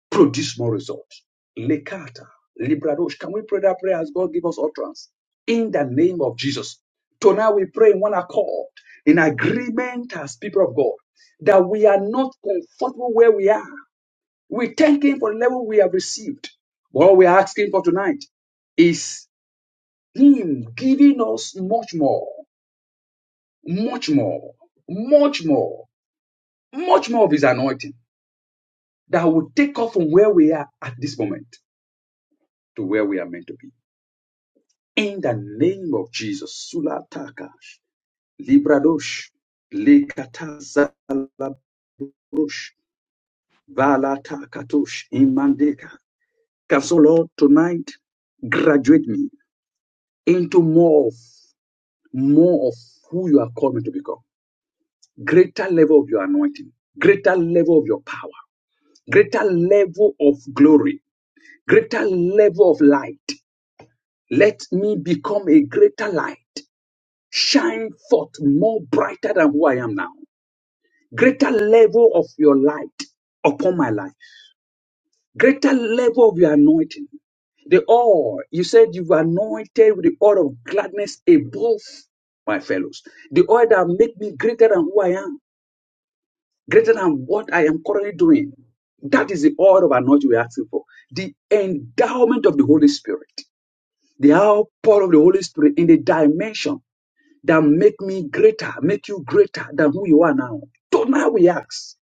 Speaker 9: produce more results. Lekata, Libradosh. Can we pray that prayer as God give us utterance? In the name of Jesus. Tonight we pray in one accord, in agreement as people of God, that we are not comfortable where we are. We thank Him for the level we have received. What we are asking for tonight is Him giving us much more, much more, much more, much more of His anointing that will take us from where we are at this moment to where we are meant to be. In the name of Jesus, Sulatakash, Libradosh, Lekatazalabrosh, Valatakatosh, Imandeka. Can so, Lord, tonight graduate me into more of, more of who you are calling me to become. Greater level of your anointing, greater level of your power, greater level of glory, greater level of light. Let me become a greater light shine forth more brighter than who I am now. greater level of your light upon my life, greater level of your anointing. The oil, you said you were anointed with the oil of gladness above my fellows. The oil that make me greater than who I am, greater than what I am currently doing. That is the oil of anointing we're asking for. The endowment of the Holy Spirit, the outpour of the Holy Spirit in the dimension that make me greater, make you greater than who you are now. Tonight we ask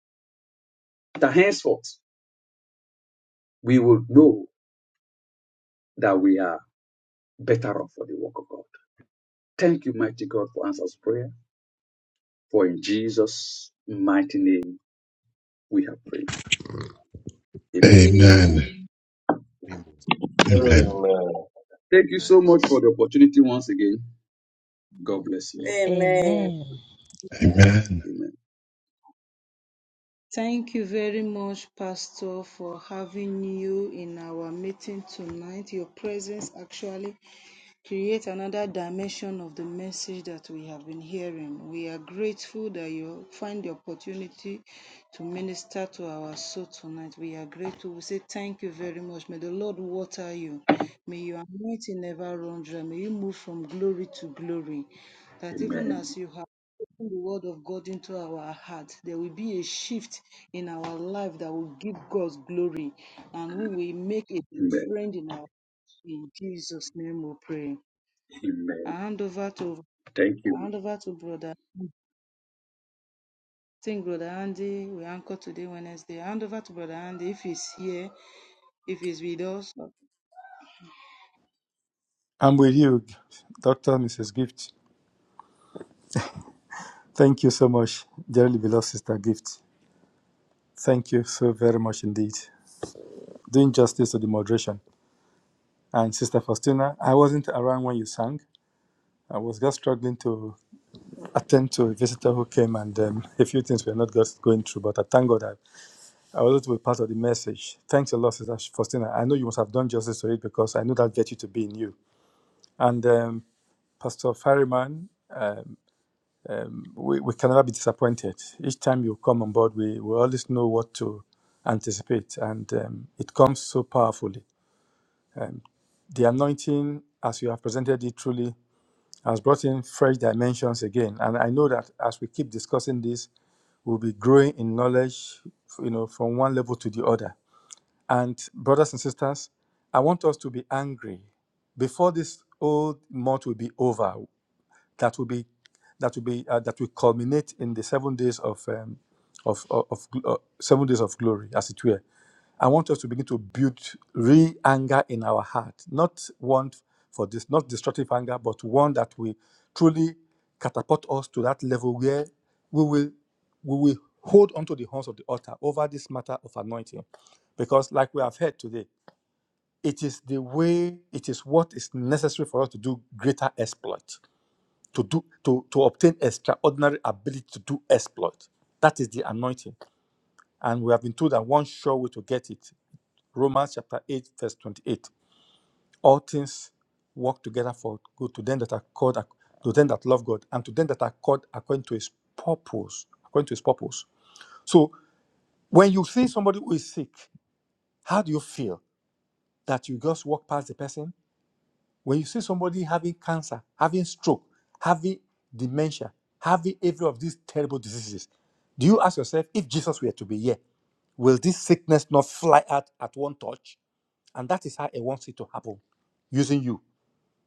Speaker 9: that henceforth we will know that we are better off for the work of God. Thank you, mighty God, for answers prayer. For in Jesus' mighty name we have prayed. Amen.
Speaker 1: Amen.
Speaker 2: Amen.
Speaker 4: Amen.
Speaker 2: Amen.
Speaker 7: Amen.
Speaker 9: Thank you so much for the opportunity once again. God bless you all.
Speaker 3: Amen.
Speaker 10: Amen.
Speaker 2: Amen.
Speaker 9: Amen.
Speaker 1: Thank you very much, Pastor, for having you in our meeting tonight. Your presence actually creates another dimension of the message that we have been hearing. We are grateful that you find the opportunity to minister to our soul tonight. We are grateful. We say thank you very much. May the Lord water you. May your anointing never run dry. May you move from glory to glory. That even
Speaker 9: Amen.
Speaker 1: as you have the word of God into our heart, there will be a shift in our life that will give God glory and we will make a
Speaker 9: Amen.
Speaker 1: difference in our in Jesus' name we pray. I
Speaker 9: Amen.
Speaker 1: hand over to
Speaker 9: Thank you.
Speaker 1: I hand over to brother. I think brother Andy we anchor today Wednesday. I hand over to brother Andy if he's here, if he's with us.
Speaker 11: I'm with you, Dr. Mrs. Gift. Thank you so much, dearly beloved Sister Gift. Thank you so very much indeed. Doing justice to the moderation. And Sister Faustina, I wasn't around when you sang. I was just struggling to attend to a visitor who came, and um, a few things were not just going through. But I thank God that I was able to be part of the message. Thanks a lot, Sister Faustina. I know you must have done justice to it because I know that virtue to be in you. And um, Pastor Ferryman. um, um, we, we can never be disappointed. Each time you come on board, we, we always know what to anticipate, and um, it comes so powerfully. Um, the anointing, as you have presented it truly, has brought in fresh dimensions again. And I know that as we keep discussing this, we'll be growing in knowledge, you know, from one level to the other. And brothers and sisters, I want us to be angry before this old month will be over that will be that will be uh, that will culminate in the seven days of um, of of, of uh, seven days of glory, as it were. I want us to begin to build real anger in our heart, not one for this, not destructive anger, but one that will truly catapult us to that level where we will we will hold onto the horns of the altar over this matter of anointing, because like we have heard today, it is the way, it is what is necessary for us to do greater exploit to do to to obtain extraordinary ability to do exploit that is the anointing and we have been told that one sure way to get it romans chapter 8 verse 28 all things work together for good to them that are called ac- to them that love god and to them that are called according to his purpose according to his purpose so when you see somebody who is sick how do you feel that you just walk past the person When you see somebody having cancer, having stroke, having dementia, having every of these terrible diseases, do you ask yourself if Jesus were to be here, will this sickness not fly out at one touch? And that is how I wants it to happen using you.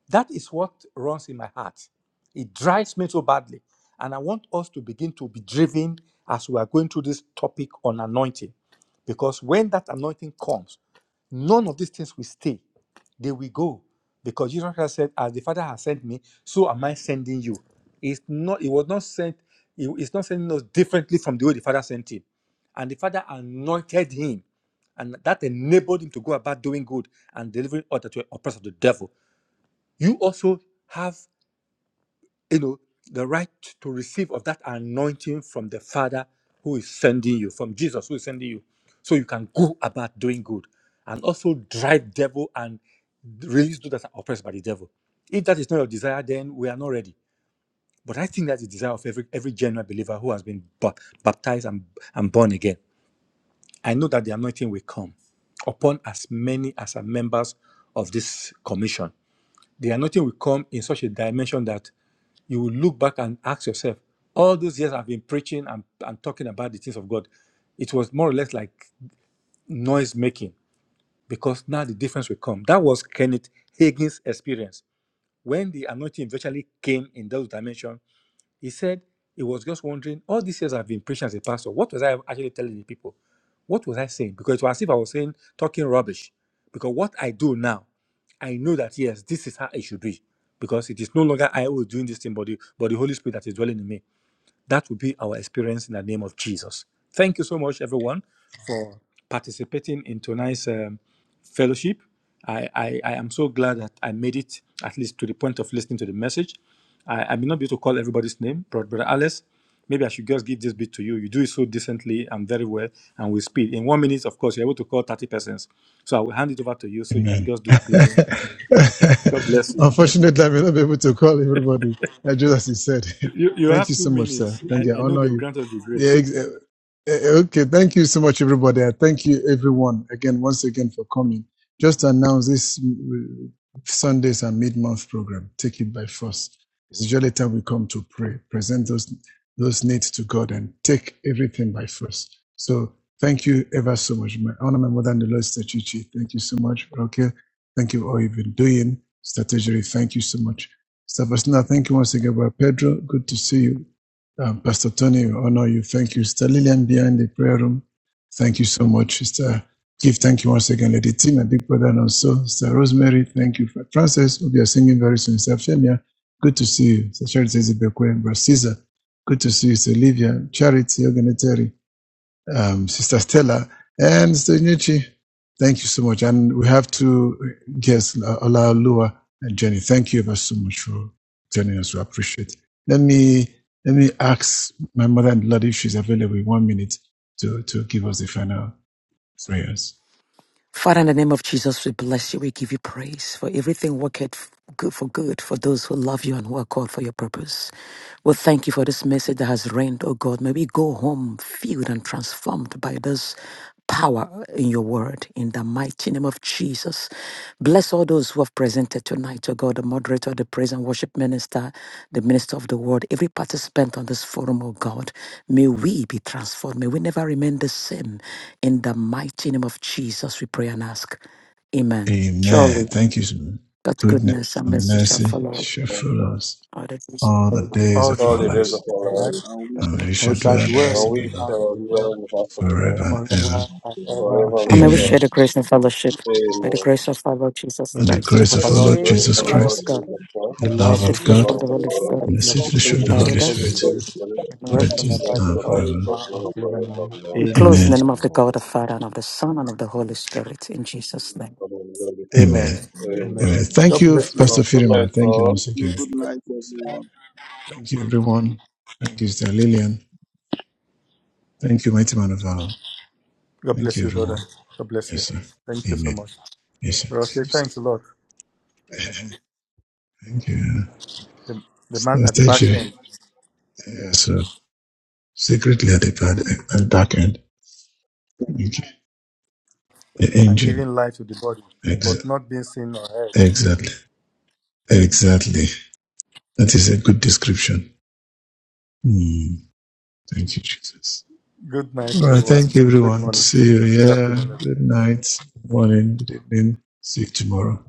Speaker 11: That is what runs in my heart. It drives me so badly. And I want us to begin to be driven as we are going through this topic on anointing. Because when that anointing comes, none of these things will stay. They will go. Because Jesus Christ said, As the Father has sent me, so am I sending you. It's not, it was not sent, it- it's not sending us differently from the way the Father sent him. And the Father anointed him and that enabled him to go about doing good and delivering others to the oppressed of the devil you also have you know the right to receive of that anointing from the father who is sending you from jesus who is sending you so you can go about doing good and also drive devil and release those that are oppressed by the devil if that is not your desire then we are not ready but i think that's the desire of every every genuine believer who has been ba- baptized and, and born again i know that the anointing will come upon as many as are members of this commission the anointing will come in such a dimension that you will look back and ask yourself, all those years I've been preaching and, and talking about the things of God, it was more or less like noise making because now the difference will come. That was Kenneth Hagin's experience. When the anointing eventually came in those dimensions, he said he was just wondering, all these years I've been preaching as a pastor, what was I actually telling the people? What was I saying? Because it was as if I was saying, talking rubbish. Because what I do now, I know that yes, this is how it should be. Because it is no longer I who is doing this thing, but the, but the Holy Spirit that is dwelling in me. That will be our experience in the name of Jesus. Thank you so much, everyone, for participating in tonight's um, fellowship. I, I, I am so glad that I made it at least to the point of listening to the message. I, I may not be able to call everybody's name, but Brother Alice, maybe I should just give this bit to you. You do it so decently and very well and with speed. In one minute, of course, you're able to call 30 persons. So I will hand it over to you so you can
Speaker 2: Amen.
Speaker 11: just
Speaker 2: <laughs>
Speaker 11: do the closing. God bless you.
Speaker 2: Unfortunately, I will not be able to call everybody, uh, just as you said.
Speaker 11: You, you,
Speaker 2: <laughs>
Speaker 11: you
Speaker 2: thank you
Speaker 11: have two
Speaker 2: so much, sir.
Speaker 11: minutes.
Speaker 2: Thank
Speaker 11: I,
Speaker 2: you. I
Speaker 11: I know
Speaker 2: honor
Speaker 11: they will
Speaker 2: you.
Speaker 11: grant us the
Speaker 2: Yeah,
Speaker 11: grace.
Speaker 2: ex- eh, eh, eh, okay, thank you so much, everybody. I thank you, everyone, again, once again, for coming. Just to announce this mm, Sunday's and mid-month program. Take it by force. It's usually time we come to pray, present those those needs to God, and take everything by force. So Thank you ever so much. My honor, my mother, and the Lord Chichi. Thank you so much, Roke. Thank you for all you've been doing. Strategy, thank you so much. Sister Stavasna, thank you once again, Brother Pedro. Good to see you. Um, Pastor Tony, we honor you. Thank you. Sister Lillian behind the prayer room. Thank you so much. Sister Give, thank you once again, Lady Tim, my big brother, and also Sister Rosemary. Thank you. For Francis, we'll be singing very soon. Sister Femia, good to see you. Sister Charity Zibekwe and Brother Caesar. Good to see you, Sister Livia, Charity, Ogeneteri um, Sister Stella, and Sister Nyuchi. Thank you so much. And we have two guests, uh, Ola Lua and Jenny. Thank you ever so much for joining us. We appreciate it. Let me, let me ask my mother in law if she's available in one minute to, to give us the final prayers.
Speaker 12: Father, in the name of Jesus, we bless you. We give you praise for everything worketh f- good for good for those who love you and who are called for your purpose. We thank you for this message that has reigned, oh God. May we go home filled and transformed by this power in your word in the mighty name of Jesus. Bless all those who have presented tonight, oh God, the moderator, the praise and worship minister, the minister of the word, every participant on this forum, oh God. May we be transformed. May we never remain the same. In the mighty name of Jesus, we pray and ask. Amen.
Speaker 2: Amen.
Speaker 12: Surely,
Speaker 2: Thank you. Lord.
Speaker 12: God's
Speaker 2: Goodness
Speaker 12: goodness and
Speaker 2: and
Speaker 12: mercy shall
Speaker 2: mercy
Speaker 12: follow
Speaker 2: shall follow us
Speaker 12: all the days
Speaker 2: all
Speaker 12: of
Speaker 2: the
Speaker 12: our
Speaker 2: days
Speaker 11: All
Speaker 2: of
Speaker 11: the
Speaker 7: All
Speaker 2: our
Speaker 11: grace.
Speaker 7: the
Speaker 11: of
Speaker 7: days of
Speaker 2: lives,
Speaker 7: our
Speaker 11: our life.
Speaker 7: life,
Speaker 1: With
Speaker 12: life.
Speaker 2: and we
Speaker 11: I
Speaker 2: shall
Speaker 11: shall
Speaker 2: dwell in the
Speaker 11: dwell
Speaker 2: house
Speaker 7: and
Speaker 2: of
Speaker 11: in
Speaker 7: we
Speaker 11: the
Speaker 2: the Lord
Speaker 11: house
Speaker 4: Amen.
Speaker 7: shall
Speaker 11: of the
Speaker 7: dwell in the house of the
Speaker 2: forever
Speaker 7: Lord
Speaker 11: Lord
Speaker 2: and ever.
Speaker 11: forever and ever.
Speaker 7: forever and
Speaker 12: And may we
Speaker 7: ever.
Speaker 11: Amen.
Speaker 12: share
Speaker 2: Amen.
Speaker 12: the grace and fellowship. May the
Speaker 7: Amen.
Speaker 12: grace of our Lord Jesus
Speaker 11: May
Speaker 2: And
Speaker 11: the
Speaker 2: the
Speaker 12: Christ,
Speaker 2: grace
Speaker 13: There
Speaker 2: of
Speaker 7: May
Speaker 13: is
Speaker 2: our
Speaker 1: the
Speaker 7: the
Speaker 2: Lord
Speaker 13: way
Speaker 1: grace
Speaker 7: grace of
Speaker 2: Jesus
Speaker 12: the
Speaker 7: our
Speaker 12: love
Speaker 11: blessing
Speaker 7: Lord
Speaker 12: of
Speaker 2: Christ,
Speaker 12: God,
Speaker 7: Jesus Christ,
Speaker 2: the
Speaker 12: the
Speaker 2: love
Speaker 12: sweet
Speaker 2: of
Speaker 7: the
Speaker 12: fellowship
Speaker 2: God,
Speaker 12: of the
Speaker 7: love of
Speaker 12: Holy
Speaker 7: God,
Speaker 2: and the
Speaker 12: Spirit
Speaker 11: and the
Speaker 2: sweet
Speaker 11: fruit
Speaker 2: fellowship
Speaker 7: and
Speaker 2: of
Speaker 11: fellowship
Speaker 7: the
Speaker 2: the
Speaker 11: of
Speaker 12: abide
Speaker 2: Holy
Speaker 12: with
Speaker 7: sweet
Speaker 11: the
Speaker 7: fellowship of the
Speaker 12: us.
Speaker 2: Spirit,
Speaker 7: Holy
Speaker 11: Spirit
Speaker 7: Spirit
Speaker 12: and
Speaker 2: be
Speaker 12: remain with
Speaker 2: with
Speaker 12: us.
Speaker 2: you
Speaker 7: rest
Speaker 11: guide
Speaker 2: now
Speaker 7: on
Speaker 11: us
Speaker 2: and
Speaker 7: the
Speaker 11: all
Speaker 7: body
Speaker 2: forever.
Speaker 7: of
Speaker 11: now
Speaker 7: now
Speaker 11: and
Speaker 7: and
Speaker 11: forevermore.
Speaker 7: forevermore.
Speaker 12: We close
Speaker 11: Amen.
Speaker 12: in the
Speaker 7: Amen.
Speaker 2: Amen.
Speaker 12: name of the
Speaker 4: Forevermore.
Speaker 12: God, the
Speaker 4: Amen.
Speaker 12: Father, and of the Son, and of the Holy Spirit, in Jesus' name.
Speaker 7: God Holy
Speaker 11: Amen.
Speaker 7: Spirit.
Speaker 2: Amen.
Speaker 11: Amen.
Speaker 7: Amen.
Speaker 2: Amen.
Speaker 4: Amen.
Speaker 2: Thank
Speaker 11: God
Speaker 2: you,
Speaker 11: bless you
Speaker 2: Pastor
Speaker 11: all.
Speaker 7: Good night,
Speaker 2: Firima. Thank you
Speaker 7: all.
Speaker 2: once again.
Speaker 8: Good night, everyone.
Speaker 2: Thank you, everyone. Thank you, Sister Lillian. Thank you, mighty man of God.
Speaker 11: God
Speaker 2: Thank
Speaker 11: bless
Speaker 2: you,
Speaker 11: you, brother.
Speaker 2: everyone.
Speaker 11: God bless
Speaker 2: Yes,
Speaker 11: you.
Speaker 2: sir.
Speaker 11: Thank you
Speaker 2: Amen.
Speaker 11: so much.
Speaker 2: Yes, sir.
Speaker 11: Brother, say
Speaker 2: Thank you, sir.
Speaker 11: thanks a lot.
Speaker 2: <laughs> Thank you.
Speaker 11: The, the man
Speaker 2: St-
Speaker 11: at the back
Speaker 2: Statue.
Speaker 11: end
Speaker 2: Yes, sir. Secretly at the pad, at back end. Thank you. The
Speaker 11: and
Speaker 2: engine.
Speaker 11: giving life to the body, but
Speaker 2: Ex-
Speaker 11: not being seen or heard.
Speaker 2: exactly. Exactly. That is a good description. Hmm. Thank you, Jesus.
Speaker 11: Good
Speaker 2: All
Speaker 11: night,
Speaker 2: right.
Speaker 11: everyone.
Speaker 2: Thank you,
Speaker 11: Good
Speaker 2: everyone.
Speaker 11: morning.
Speaker 2: See you.
Speaker 11: Good afternoon,
Speaker 2: Yeah.
Speaker 11: everyone.
Speaker 2: Good night. Morning. Good evening. See you tomorrow.